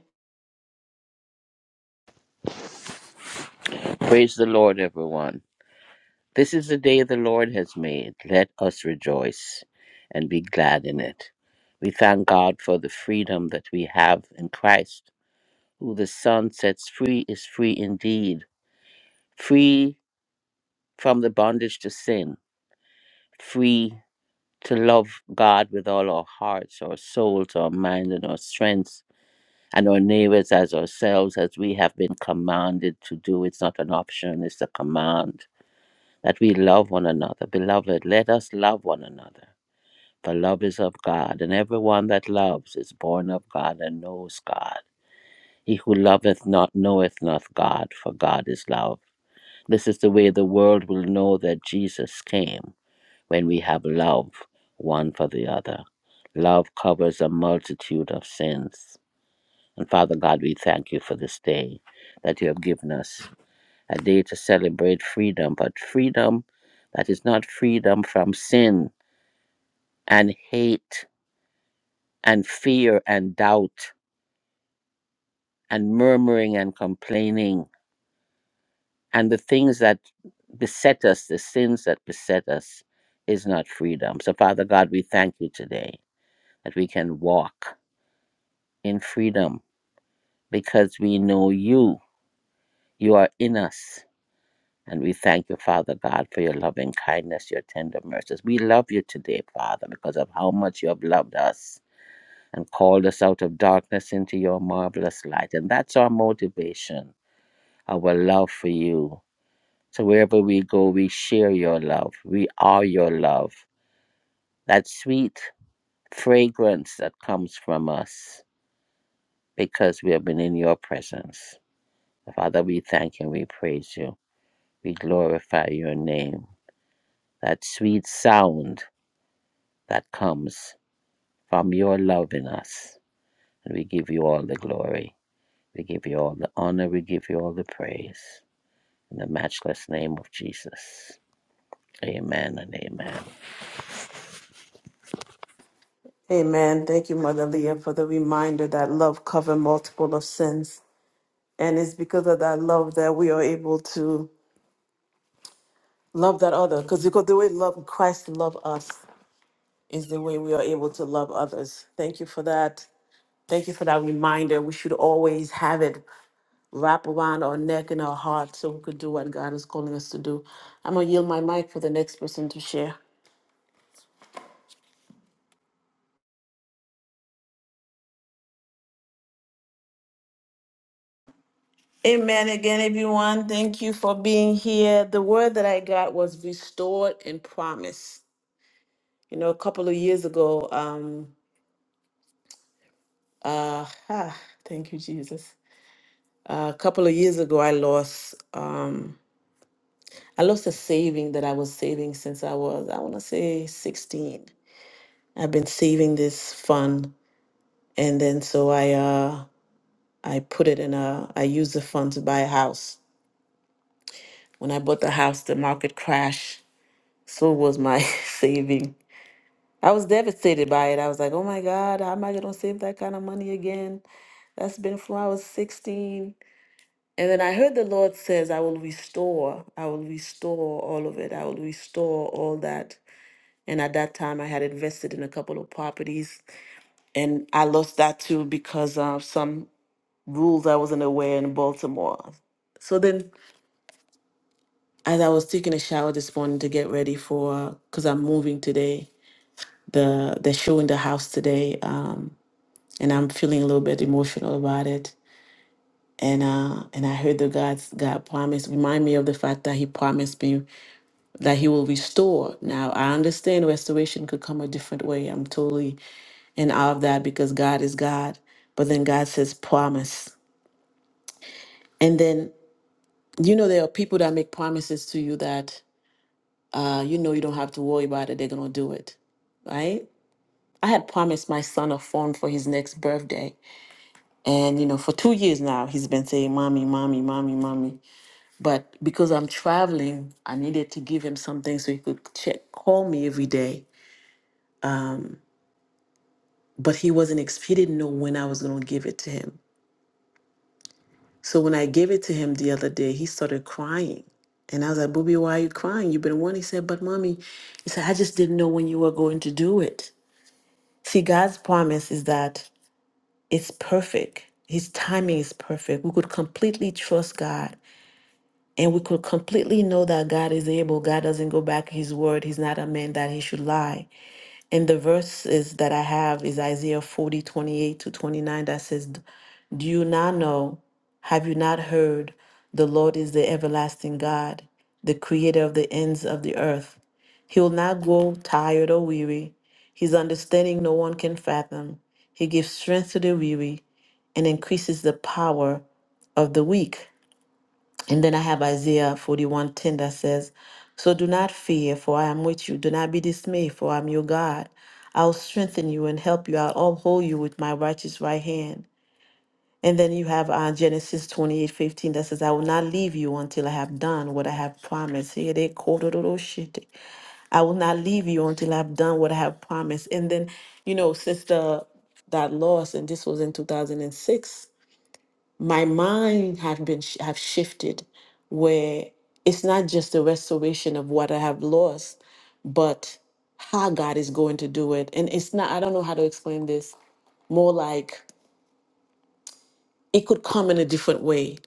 [SPEAKER 5] Praise the Lord, everyone. This is the day the Lord has made. Let us rejoice and be glad in it. We thank God for the freedom that we have in Christ, who the Son sets free is free indeed, free from the bondage to sin, free to love God with all our hearts, our souls, our minds, and our strengths, and our neighbors as ourselves, as we have been commanded to do. It's not an option, it's a command that we love one another. Beloved, let us love one another. For love is of God, and everyone that loves is born of God and knows God. He who loveth not knoweth not God, for God is love. This is the way the world will know that Jesus came, when we have love one for the other. Love covers a multitude of sins. And Father God, we thank you for this day that you have given us a day to celebrate freedom, but freedom that is not freedom from sin and hate and fear and doubt and murmuring and complaining and the things that beset us, the sins that beset us, is not freedom. So, Father God, we thank you today that we can walk in freedom because we know you. You are in us And we thank you, Father God, for your loving kindness, your tender mercies. We love you today, Father, because of how much you have loved us and called us out of darkness into your marvelous light. And that's our motivation, our love for you. So wherever we go, we share your love. We are your love. That sweet fragrance that comes from us because we have been in your presence. Father, we thank you and we praise you. We glorify your name. That sweet sound that comes from your love in us. And we give you all the glory. We give you all the honor. We give you all the praise. In the matchless name of Jesus. Amen and amen.
[SPEAKER 1] Amen. Thank you, Mother Leah, for the reminder that love covers multiple of sins. And it's because of that love that we are able to love that other. Because because the way love Christ love us is the way we are able to love others. Thank you for that. Thank you for that reminder. We should always have it wrap around our neck and our heart so we could do what God is calling us to do. I'm gonna yield my mic for the next person to share. Amen again, everyone. Thank you for being here. The word that I got was restored and promise. You know, a couple of years ago, um, uh, ah, thank you, Jesus. a couple of years ago, I lost, um, I lost a saving that I was saving since I was, I want to say 16. I've been saving this fund, and then so I, uh, I put it in a, I used the fund to buy a house. When I bought the house, the market crashed. So was my saving. I was devastated by it. I was like, oh my God, how am I going to save that kind of money again? That's been from I was 16. And then I heard the Lord says, I will restore, I will restore all of it. I will restore all that. And at that time, I had invested in a couple of properties. And I lost that too because of some rules I wasn't aware in Baltimore. So then, as I was taking a shower this morning to get ready for, because I'm moving today, the they're showing the house today, um, and I'm feeling a little bit emotional about it. And uh, and I heard the God's God promise remind me of the fact that He promised me that he will restore. Now, I understand restoration could come a different way. I'm totally in awe of that because God is God. But then God says, promise. And then, you know, there are people that make promises to you that uh, you know you don't have to worry about it, they're going to do it, right? I had promised my son a phone for his next birthday. And, you know, for two years now, he's been saying, Mommy, Mommy, Mommy, Mommy. But because I'm traveling, I needed to give him something so he could check, call me every day but he wasn't ex- he didn't know when I was going to give it to him. So when I gave it to him the other day, he started crying. And I was like, Booby, why are you crying? You've been one. He said, But mommy, he said, I just didn't know when you were going to do it. See, God's promise is that it's perfect. His timing is perfect. We could completely trust God and we could completely know that God is able. God doesn't go back on his word. He's not a man that he should lie. And the verses that I have is Isaiah 40 28 to 29 that says, Do you not know? Have you not heard? The Lord is the everlasting God, the creator of the ends of the earth. He will not grow tired or weary. His understanding no one can fathom. He gives strength to the weary and increases the power of the weak. And then I have Isaiah 41:10 that says, So do not fear, for I am with you. Do not be dismayed, for I am your God. I'll strengthen you and help you. I'll uphold you with my righteous right hand. And then you have uh, Genesis 28:15 that says, I will not leave you until I have done what I have promised. Here they quoted all those shit. I will not leave you until I have done what I have promised. And then, you know, since the that loss, and this was in 2006, my mind have been sh- have shifted where it's not just a restoration of what I have lost, but how God is going to do it. And it's not I don't know how to explain this. More like it could come in a different way.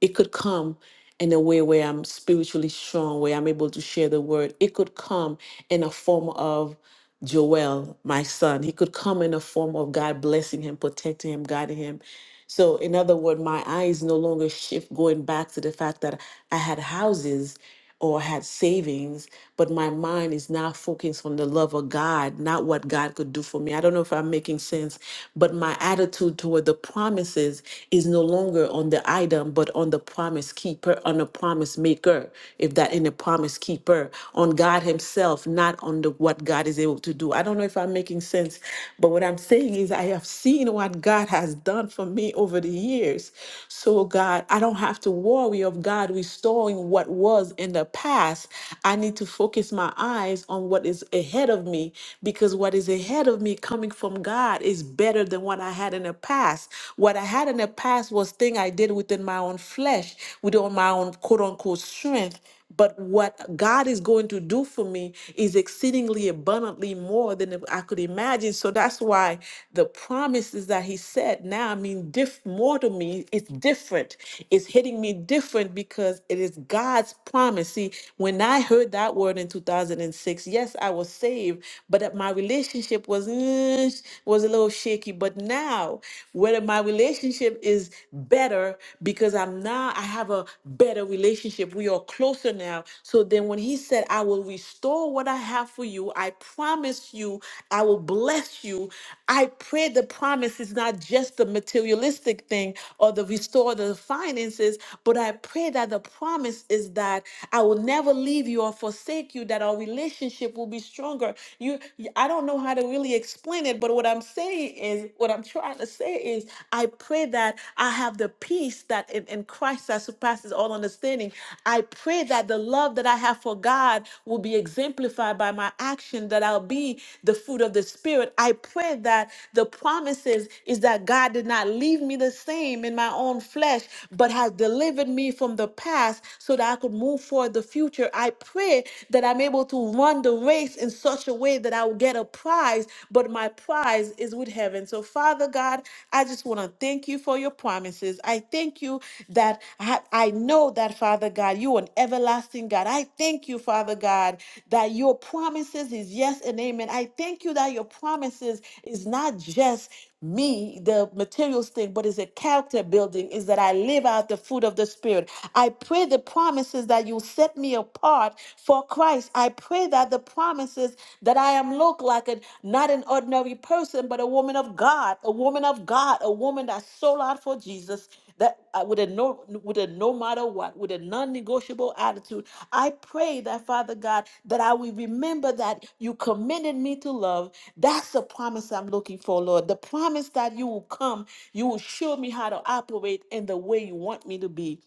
[SPEAKER 1] It could come in a way where I'm spiritually strong, where I'm able to share the word. It could come in a form of Joel, my son. He could come in a form of God blessing him, protecting him, guiding him. So, in other words, my eyes no longer shift going back to the fact that I had houses or had savings, but my mind is now focused on the love of God, not what God could do for me. I don't know if I'm making sense, but my attitude toward the promises is no longer on the item, but on the promise keeper, on the promise maker, if that in the promise keeper, on God Himself, not on the what God is able to do. I don't know if I'm making sense, but what I'm saying is I have seen what God has done for me over the years. So God, I don't have to worry of God restoring what was was in the past. I need to focus my eyes on what is ahead of me because what is ahead of me coming from God is better than what I had in the past. What I had in the past was thing I did within my own flesh, within my own quote unquote strength. But what God is going to do for me is exceedingly abundantly more than I could imagine. So that's why the promises that He said now mean diff- more to me. It's different. It's hitting me different because it is God's promise. See, when I heard that word in 2006, yes, I was saved, but that my relationship was mm, was a little shaky. But now, whether my relationship is better because I'm now I have a better relationship. We are closer now. So then when he said, I will restore what I have for you, I promise you, I will bless you. I pray the promise is not just the materialistic thing or the restore the finances, but I pray that the promise is that I will never leave you or forsake you, that our relationship will be stronger. You I don't know how to really explain it, but what I'm saying is what I'm I'm trying to say is, I pray that I have the peace that in, in Christ that surpasses all understanding. I pray that the love that I have for God will be exemplified by my action, that I'll be the fruit of the Spirit. I pray that the promises is that God did not leave me the same in my own flesh, but has delivered me from the past so that I could move forward the future. I pray that I'm able to run the race in such a way that I I'll get a prize, but my prize is with heaven. So, Father God, I just want to thank you for your promises. I thank you that I, I know that, Father God, you are an everlasting God. I thank you, Father God, that your promises is yes and amen. I thank you that your promises is not just me, the materials thing, but is a character building, is that I live out the fruit of the Spirit. I pray the promises that you set me apart for Christ, I pray that the promises that I am look like a, not an ordinary person, but a woman of God, a woman of God, a woman that sold out for Jesus, that uh, with a no, with a no matter what, with a non-negotiable attitude. I pray that Father God, that I will remember that you commended me to love. That's the promise I'm looking for, Lord. The promise that you will come, you will show me how to operate in the way you want me to be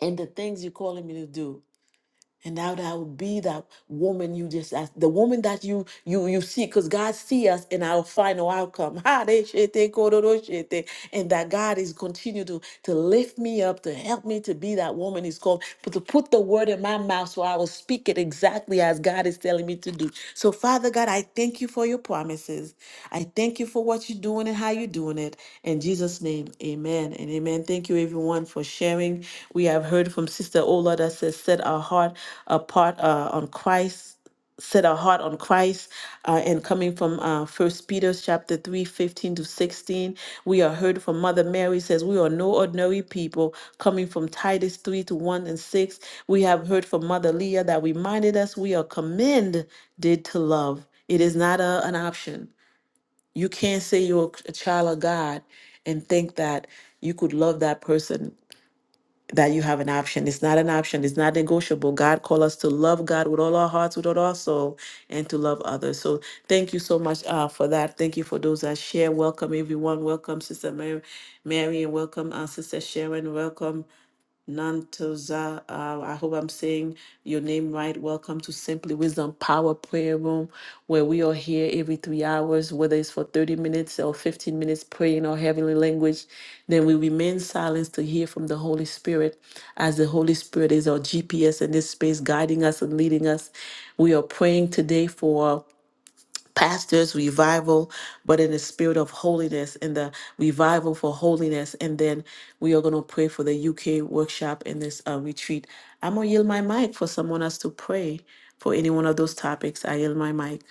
[SPEAKER 1] and the things you're calling me to do and thou will be that woman you just asked, the woman that you you you see, because God see us in our final outcome. Ha, de shete, kororo shete. And that God is continue to to lift me up, to help me to be that woman He's called, but to put the word in my mouth so I will speak it exactly as God is telling me to do. So, Father God, I thank you for your promises. I thank you for what you're doing and how you're doing it. In Jesus' name, amen and amen. Thank you, everyone, for sharing. We have heard from Sister Ola that says, Set our heart apart uh, on Christ set our heart on Christ uh, and coming from uh, 1 Peter chapter 3 15 to 16 we are heard from Mother Mary says we are no ordinary people coming from Titus 3 to 1 and 6 we have heard from Mother Leah that reminded us we are commended to love it is not a, an option you can't say you're a child of God and think that you could love that person that you have an option. It's not an option. It's not negotiable. God called us to love God with all our hearts, with all our soul, and to love others. So thank you so much uh, for that. Thank you for those that share. Welcome everyone. Welcome Sister Mary, Mary and welcome uh, Sister Sharon. Welcome. Nantoza. Uh, I hope I'm saying your name right. Welcome to Simply Wisdom Power Prayer Room, where we are here every three hours, whether it's for 30 minutes or 15 minutes praying our heavenly language. Then we remain silent to hear from the Holy Spirit, as the Holy Spirit is our GPS in this space, guiding us and leading us. We are praying today for pastors revival but in the spirit of holiness in the revival for holiness and then we are going to pray for the uk workshop in this uh, retreat i'm going to yield my mic for someone else to pray for any one of those topics i yield my mic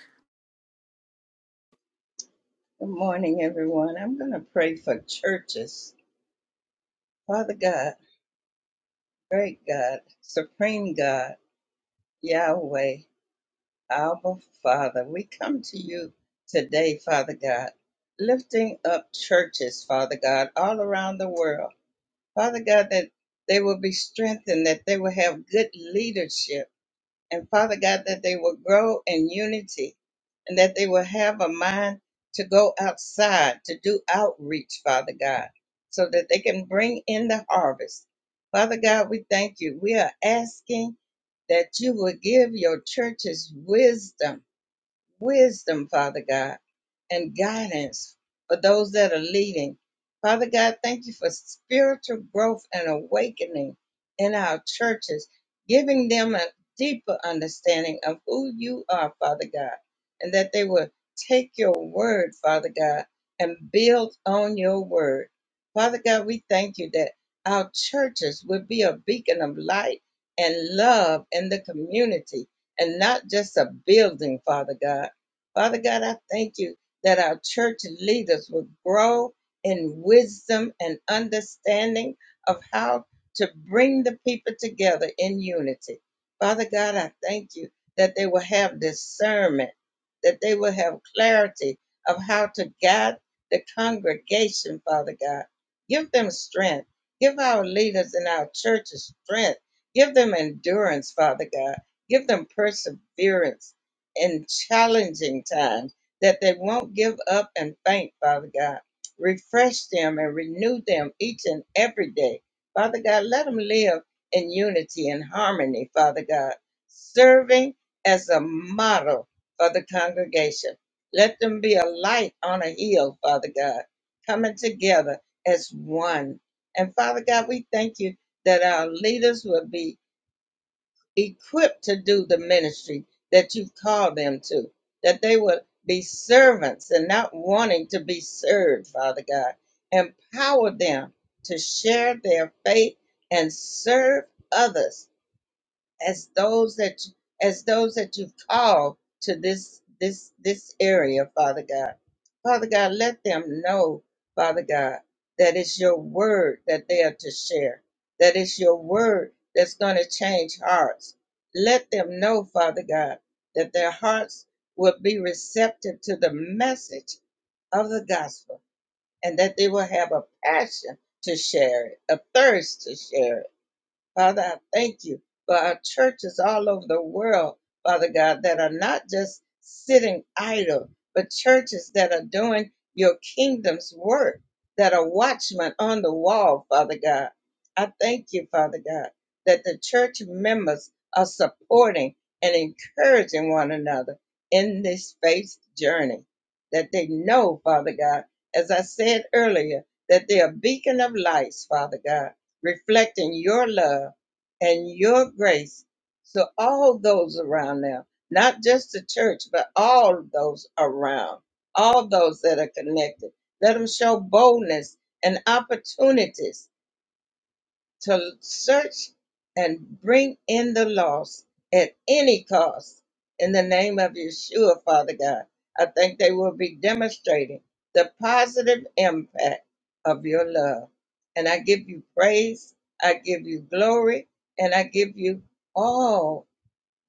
[SPEAKER 4] Good morning, everyone. I'm going to pray for churches. Father God, Great God, Supreme God, Yahweh, Abba Father, we come to you today, Father God, lifting up churches, Father God, all around the world. Father God, that they will be strengthened, that they will have good leadership, and Father God, that they will grow in unity, and that they will have a mind to go outside, to do outreach, Father God, so that they can bring in the harvest. Father God, we thank you. We are asking that you would give your churches wisdom wisdom, Father God, and guidance for those that are leading. Father God, thank you for spiritual growth and awakening in our churches, giving them a deeper understanding of who you are, Father God, and that they will take your word, Father God, and build on your word. Father God, we thank you that our churches will be a beacon of light and love in the community and not just a building, Father God. Father God, I thank you that our church leaders will grow in wisdom and understanding of how to bring the people together in unity. Father God, I thank you that they will have discernment, that they will have clarity of how to guide the congregation, Father God. Give them strength. Give our leaders in our churches strength. Give them endurance, Father God Give them perseverance in challenging times that they won't give up and faint, Father God. Refresh them and renew them each and every day. Father God, let them live in unity and harmony, Father God, serving as a model for the congregation. Let them be a light on a hill, Father God, coming together as one. And Father God, we thank you that our leaders will be equipped to do the ministry that you've called them to, that they will be servants and not wanting to be served, Father God. Empower them to share their faith and serve others as those that as those that you've called to this this this area, Father God. Father God, let them know, Father God, that it's your word that they are to share. That it's your word that's going to change hearts. Let them know, Father God, that their hearts will be receptive to the message of the gospel and that they will have a passion to share it, a thirst to share it Father, I thank you for our churches all over the world, Father God, that are not just sitting idle, but churches that are doing your kingdom's work, that are watchmen on the wall, Father God. I thank you, Father God, that the church members are supporting and encouraging one another in this faith journey, that they know, Father God, as I said earlier, that they are beacon of lights, Father God reflecting your love and your grace to all those around them, not just the church, but all those around, all those that are connected. Let them show boldness and opportunities to search and bring in the lost at any cost in the name of Yeshua, Father God. I think they will be demonstrating the positive impact of your love. And I give you praise, I give you glory, and I give you all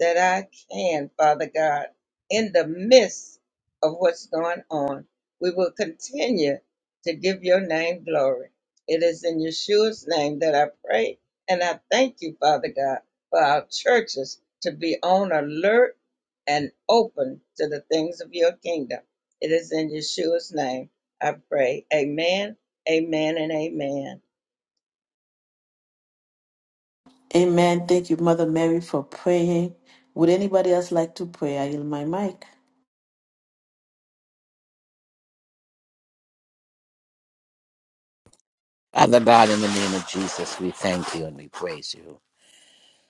[SPEAKER 4] that I can, Father God, in the midst of what's going on. We will continue to give your name glory. It is in Yeshua's name that I pray, and I thank you, Father God, for our churches to be on alert and open to the things of your kingdom. It is in Yeshua's name I pray. Amen, amen, and amen.
[SPEAKER 1] amen thank you mother mary for praying would anybody else like to pray i yield my mic
[SPEAKER 5] Father God, in the name of Jesus, we thank you and we praise you.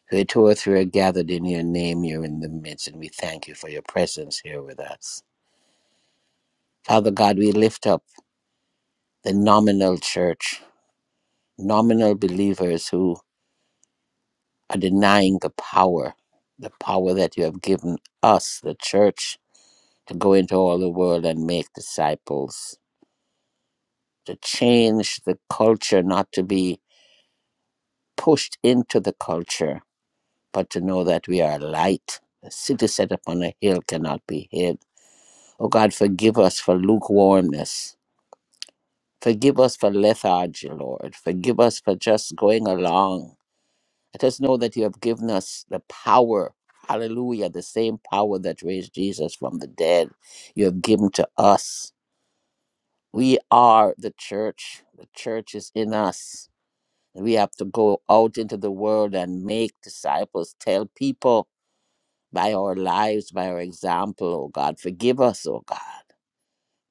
[SPEAKER 5] Where two or three are gathered in your name, you're in the midst, and we thank you for your presence here with us. Father God, we lift up the nominal church, nominal believers who are denying the power, the power that you have given us, the church, to go into all the world and make disciples, to change the culture, not to be pushed into the culture, but to know that we are light. A city set upon a hill cannot be hid. Oh God, forgive us for lukewarmness. Forgive us for lethargy, Lord. Forgive us for just going along Let us know that you have given us the power, hallelujah, the same power that raised Jesus from the dead, you have given to us. We are the church, the church is in us. We have to go out into the world and make disciples, tell people by our lives, by our example, oh God. Forgive us, oh God.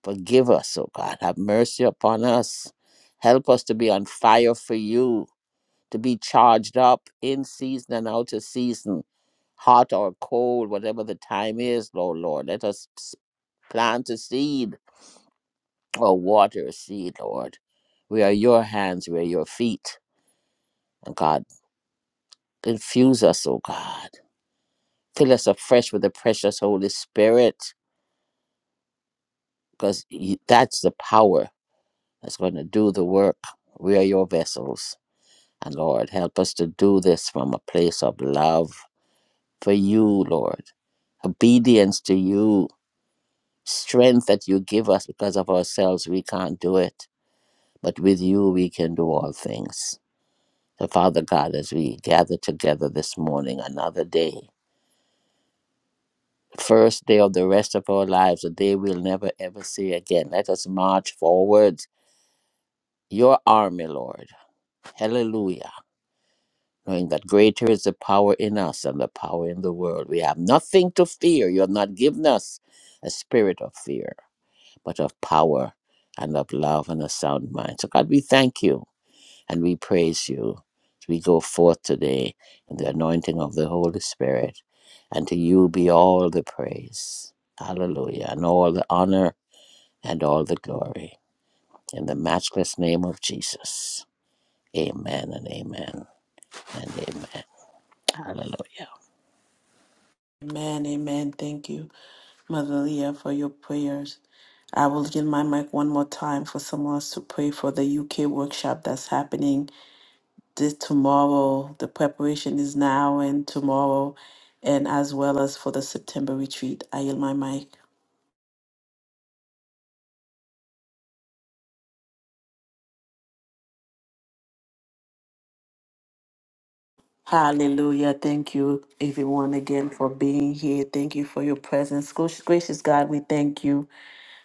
[SPEAKER 5] Forgive us, oh God. Have mercy upon us. Help us to be on fire for you, to be charged up in season and out of season hot or cold, whatever the time is, Lord, Lord. Let us s- plant a seed or water a seed, Lord. We are your hands, we are your feet. And God, infuse us, oh God. Fill us afresh with the precious Holy Spirit, because that's the power that's going to do the work. We are your vessels. And Lord, help us to do this from a place of love for you, Lord, obedience to you strength that you give us because of ourselves, we can't do it. But with you, we can do all things. So, Father God, as we gather together this morning, another day, first day of the rest of our lives, a day we'll never ever see again, let us march forward. Your army, Lord. Hallelujah. Knowing that greater is the power in us than the power in the world. We have nothing to fear. You have not given us a spirit of fear but of power and of love and a sound mind. So, God, we thank you and we praise you as we go forth today in the anointing of the Holy Spirit. And to you be all the praise. Hallelujah. And all the honor and all the glory. In the matchless name of Jesus. Amen and amen and amen. Hallelujah.
[SPEAKER 1] amen amen thank you mother leah for your prayers I will yield my mic one more time for someone else to pray for the UK workshop that's happening This tomorrow, the preparation is now and tomorrow, and as well as for the September retreat. I yield my mic. Hallelujah. Thank you, everyone, again for being here. Thank you for your presence. Gracious gracious God, we thank you.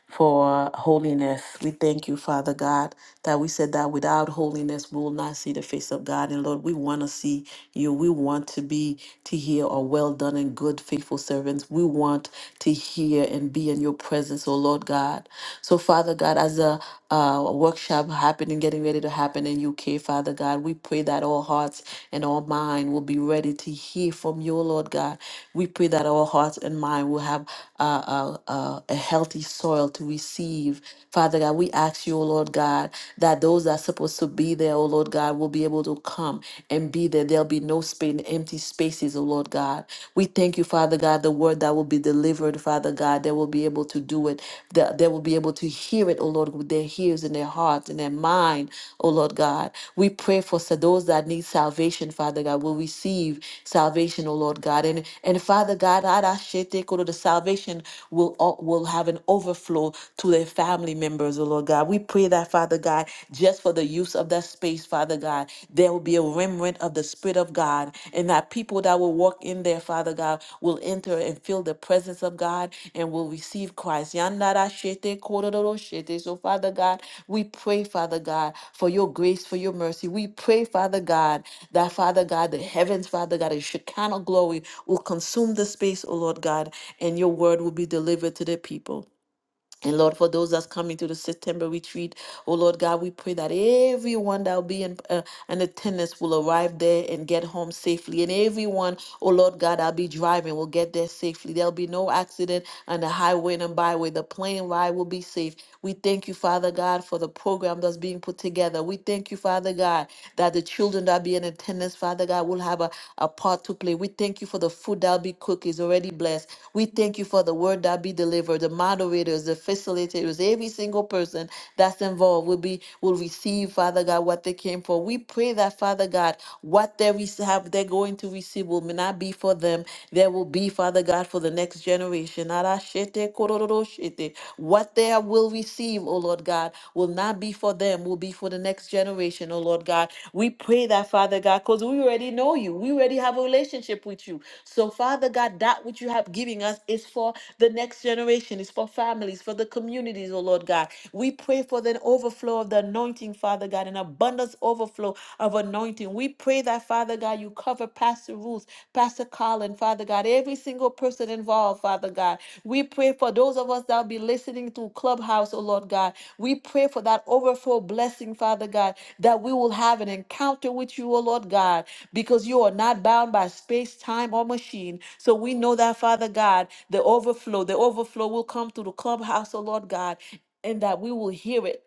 [SPEAKER 1] for holiness. We thank you, Father God, that we said that without holiness we will not see the face of God. And Lord, we want to see you. We want to be to hear a well done and good faithful servants. We want to hear and be in your presence, oh Lord God. So Father God, as a uh, workshop happening, getting ready to happen in UK, Father God. We pray that our hearts and our mind will be ready to hear from you, Lord God. We pray that our hearts and mind will have uh, uh, uh, a healthy soil to receive. Father God, we ask you, O Lord God, that those that are supposed to be there, O Lord God, will be able to come and be there. There'll be no space, empty spaces, O Lord God. we. We thank you, Father God, the word that will be delivered, Father God, they will be able to do it, that they will be able to hear it, oh Lord, with their ears and their hearts and their mind, oh Lord God. We pray for sa- those that need salvation, Father God, will receive salvation, oh Lord God. And and Father God, Arashete Koro, the salvation will o- will have an overflow to their family members, oh Lord God. We pray that, Father God, just for the use of that space, Father God. There will be a remnant of the Spirit of God, and that people that will walk in there, Father God, will enter and feel the presence of God and will receive Christ. Yandara shete kororo shete. So, Father God, we pray, Father God, for your grace, for your mercy. We pray, Father God, that, Father God, the heavens, Father God, the Shekinah glory will consume the space, O Lord God, and your word will be delivered to the people. And Lord, for those that's coming to the September retreat, oh Lord God, we pray that everyone that will be in, uh, in attendance will arrive there and get home safely. And everyone, oh Lord God, that'll be driving will get there safely. There'll be no accident on the highway and byway. The plane ride will be safe. We thank you, Father God, for the program that's being put together. We thank you, Father God, that the children that be in attendance, Father God, will have a, a part to play. We thank you for the food that'll be cooked is already blessed. We thank you for the word that'll be delivered, the model moderators, the facilitators, every single person that's involved will be will receive, Father God, what they came for. We pray that, Father God, what they rece- have they're going to receive will not be for them. There will be, Father God, for the next generation. Arashete kororoshete. What they will receive, oh Lord God, will not be for them, will be for the next generation, oh Lord God. We pray that, Father God, because we already know know you. We already have a relationship with you. So, Father God, that which you have given us is for the next generation, is for families, for the communities, oh Lord God. We pray for the overflow of the anointing, Father God, an abundance overflow of anointing. We pray that, Father God, you cover Pastor Ruth, Pastor Colin, Father God, every single person involved, Father God. We pray for those of us that will be listening to Clubhouse, oh Lord God. We pray for that overflow blessing, Father God, that we will have an encounter with you, oh Lord God because you are not bound by space, time, or machine. So we know that, Father God, the overflow, the overflow will come through the clubhouse, oh Lord God, and that we will hear it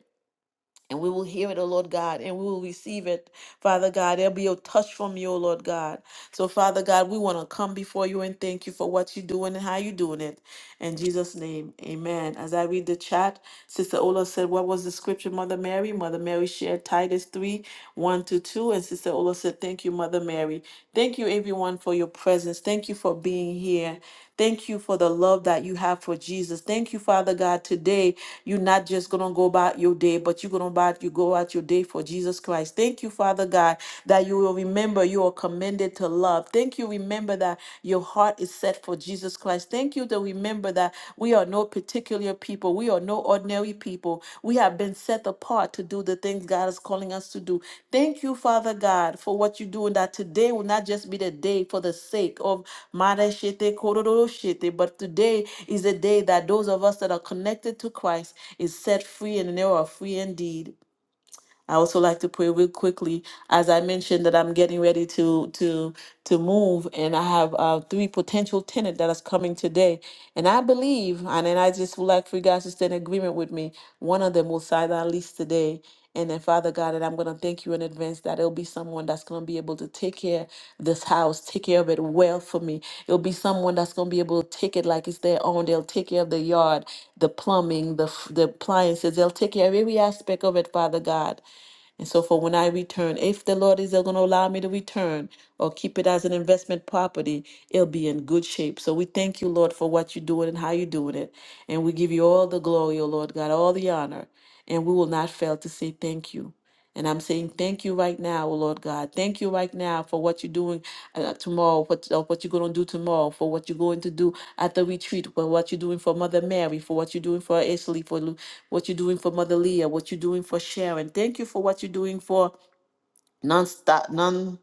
[SPEAKER 1] and we will hear it, O Lord God, and we will receive it, Father God. There'll be a touch from you, O Lord God. So, Father God, we want to come before you and thank you for what you're doing and how you're doing it. In Jesus' name, amen. As I read the chat, Sister Ola said, What was the scripture, Mother Mary? Mother Mary shared Titus 3 1 to 2. And Sister Ola said, Thank you, Mother Mary. Thank you, everyone, for your presence. Thank you for being here. Thank you for the love that you have for Jesus. Thank you, Father God. Today, you're not just going to go about your day, but you're going to about you go out your day for Jesus Christ. Thank you, Father God, that you will remember you are commended to love. Thank you, remember that your heart is set for Jesus Christ. Thank you to remember that we are no particular people people. We are no ordinary people. We have been set apart to do the things God is calling us to do. Thank you, Father God, for what you're doing. That today will not just be the day for the sake of mara Mareshete Kororoshete, but today is the day that those of us that are connected to Christ is set free and they are free indeed. I also like to pray real quickly, as I mentioned that I'm getting ready to to to move, and I have uh, three potential tenant that is coming today, and I believe, and then I just would like for you guys to stand in agreement with me. One of them will sign our lease today, and then Father God, and I'm gonna thank you in advance that it'll be someone that's gonna be able to take care of this house, take care of it well for me. It'll be someone that's gonna be able to take it like it's their own. They'll take care of the yard, the plumbing, the f- the appliances. They'll take care of every aspect of it, Father God. And so for when I return, if the Lord is going to allow me to return or keep it as an investment property, it'll be in good shape. So we thank you, Lord, for what you're doing and how you're doing it. And we give you all the glory, O Lord God, all the honor. And we will not fail to say thank you. And I'm saying thank you right now, oh Lord God. Thank you right now for what you're doing uh, tomorrow, what, uh, what you're going to do tomorrow, for what you're going to do at the retreat, for what you're doing for Mother Mary, for what you're doing for Ashley, for Lu- what you're doing for Mother Leah, what you're doing for Sharon. Thank you for what you're doing for non-stop, non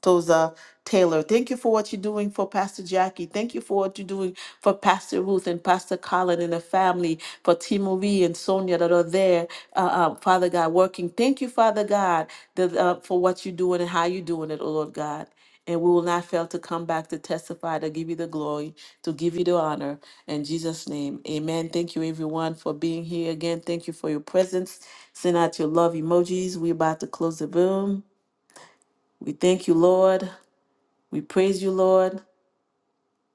[SPEAKER 1] Toza Taylor. Thank you for what you're doing for Pastor Jackie. Thank you for what you're doing for Pastor Ruth and Pastor Colin and the family, for T. Marie and Sonia that are there, uh, uh, Father God, working. Thank you, Father God, that, uh, for what you're doing and how you're doing it, oh Lord God. And we will not fail to come back to testify, to give you the glory, to give you the honor. In Jesus' name, amen. Thank you, everyone, for being here again. Thank you for your presence. Send out your love emojis. We're about to close the room. We thank you, Lord. We praise you, Lord.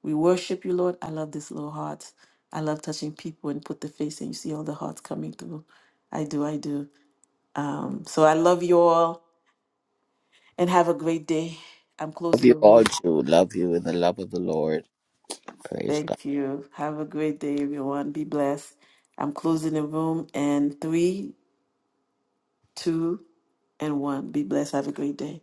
[SPEAKER 1] We worship you, Lord. I love this little heart. I love touching people and put the face and you see all the hearts coming through. I do, I do. Um, so I love you all and have a great day. I'm
[SPEAKER 5] Love
[SPEAKER 1] closing
[SPEAKER 5] you
[SPEAKER 1] the
[SPEAKER 5] all,
[SPEAKER 1] room.
[SPEAKER 5] too. Love you in the love of the Lord. Praise God.
[SPEAKER 1] Thank you. Have a great day, everyone. Be blessed. I'm closing the room in three, two, and one. Be blessed. Have a great day.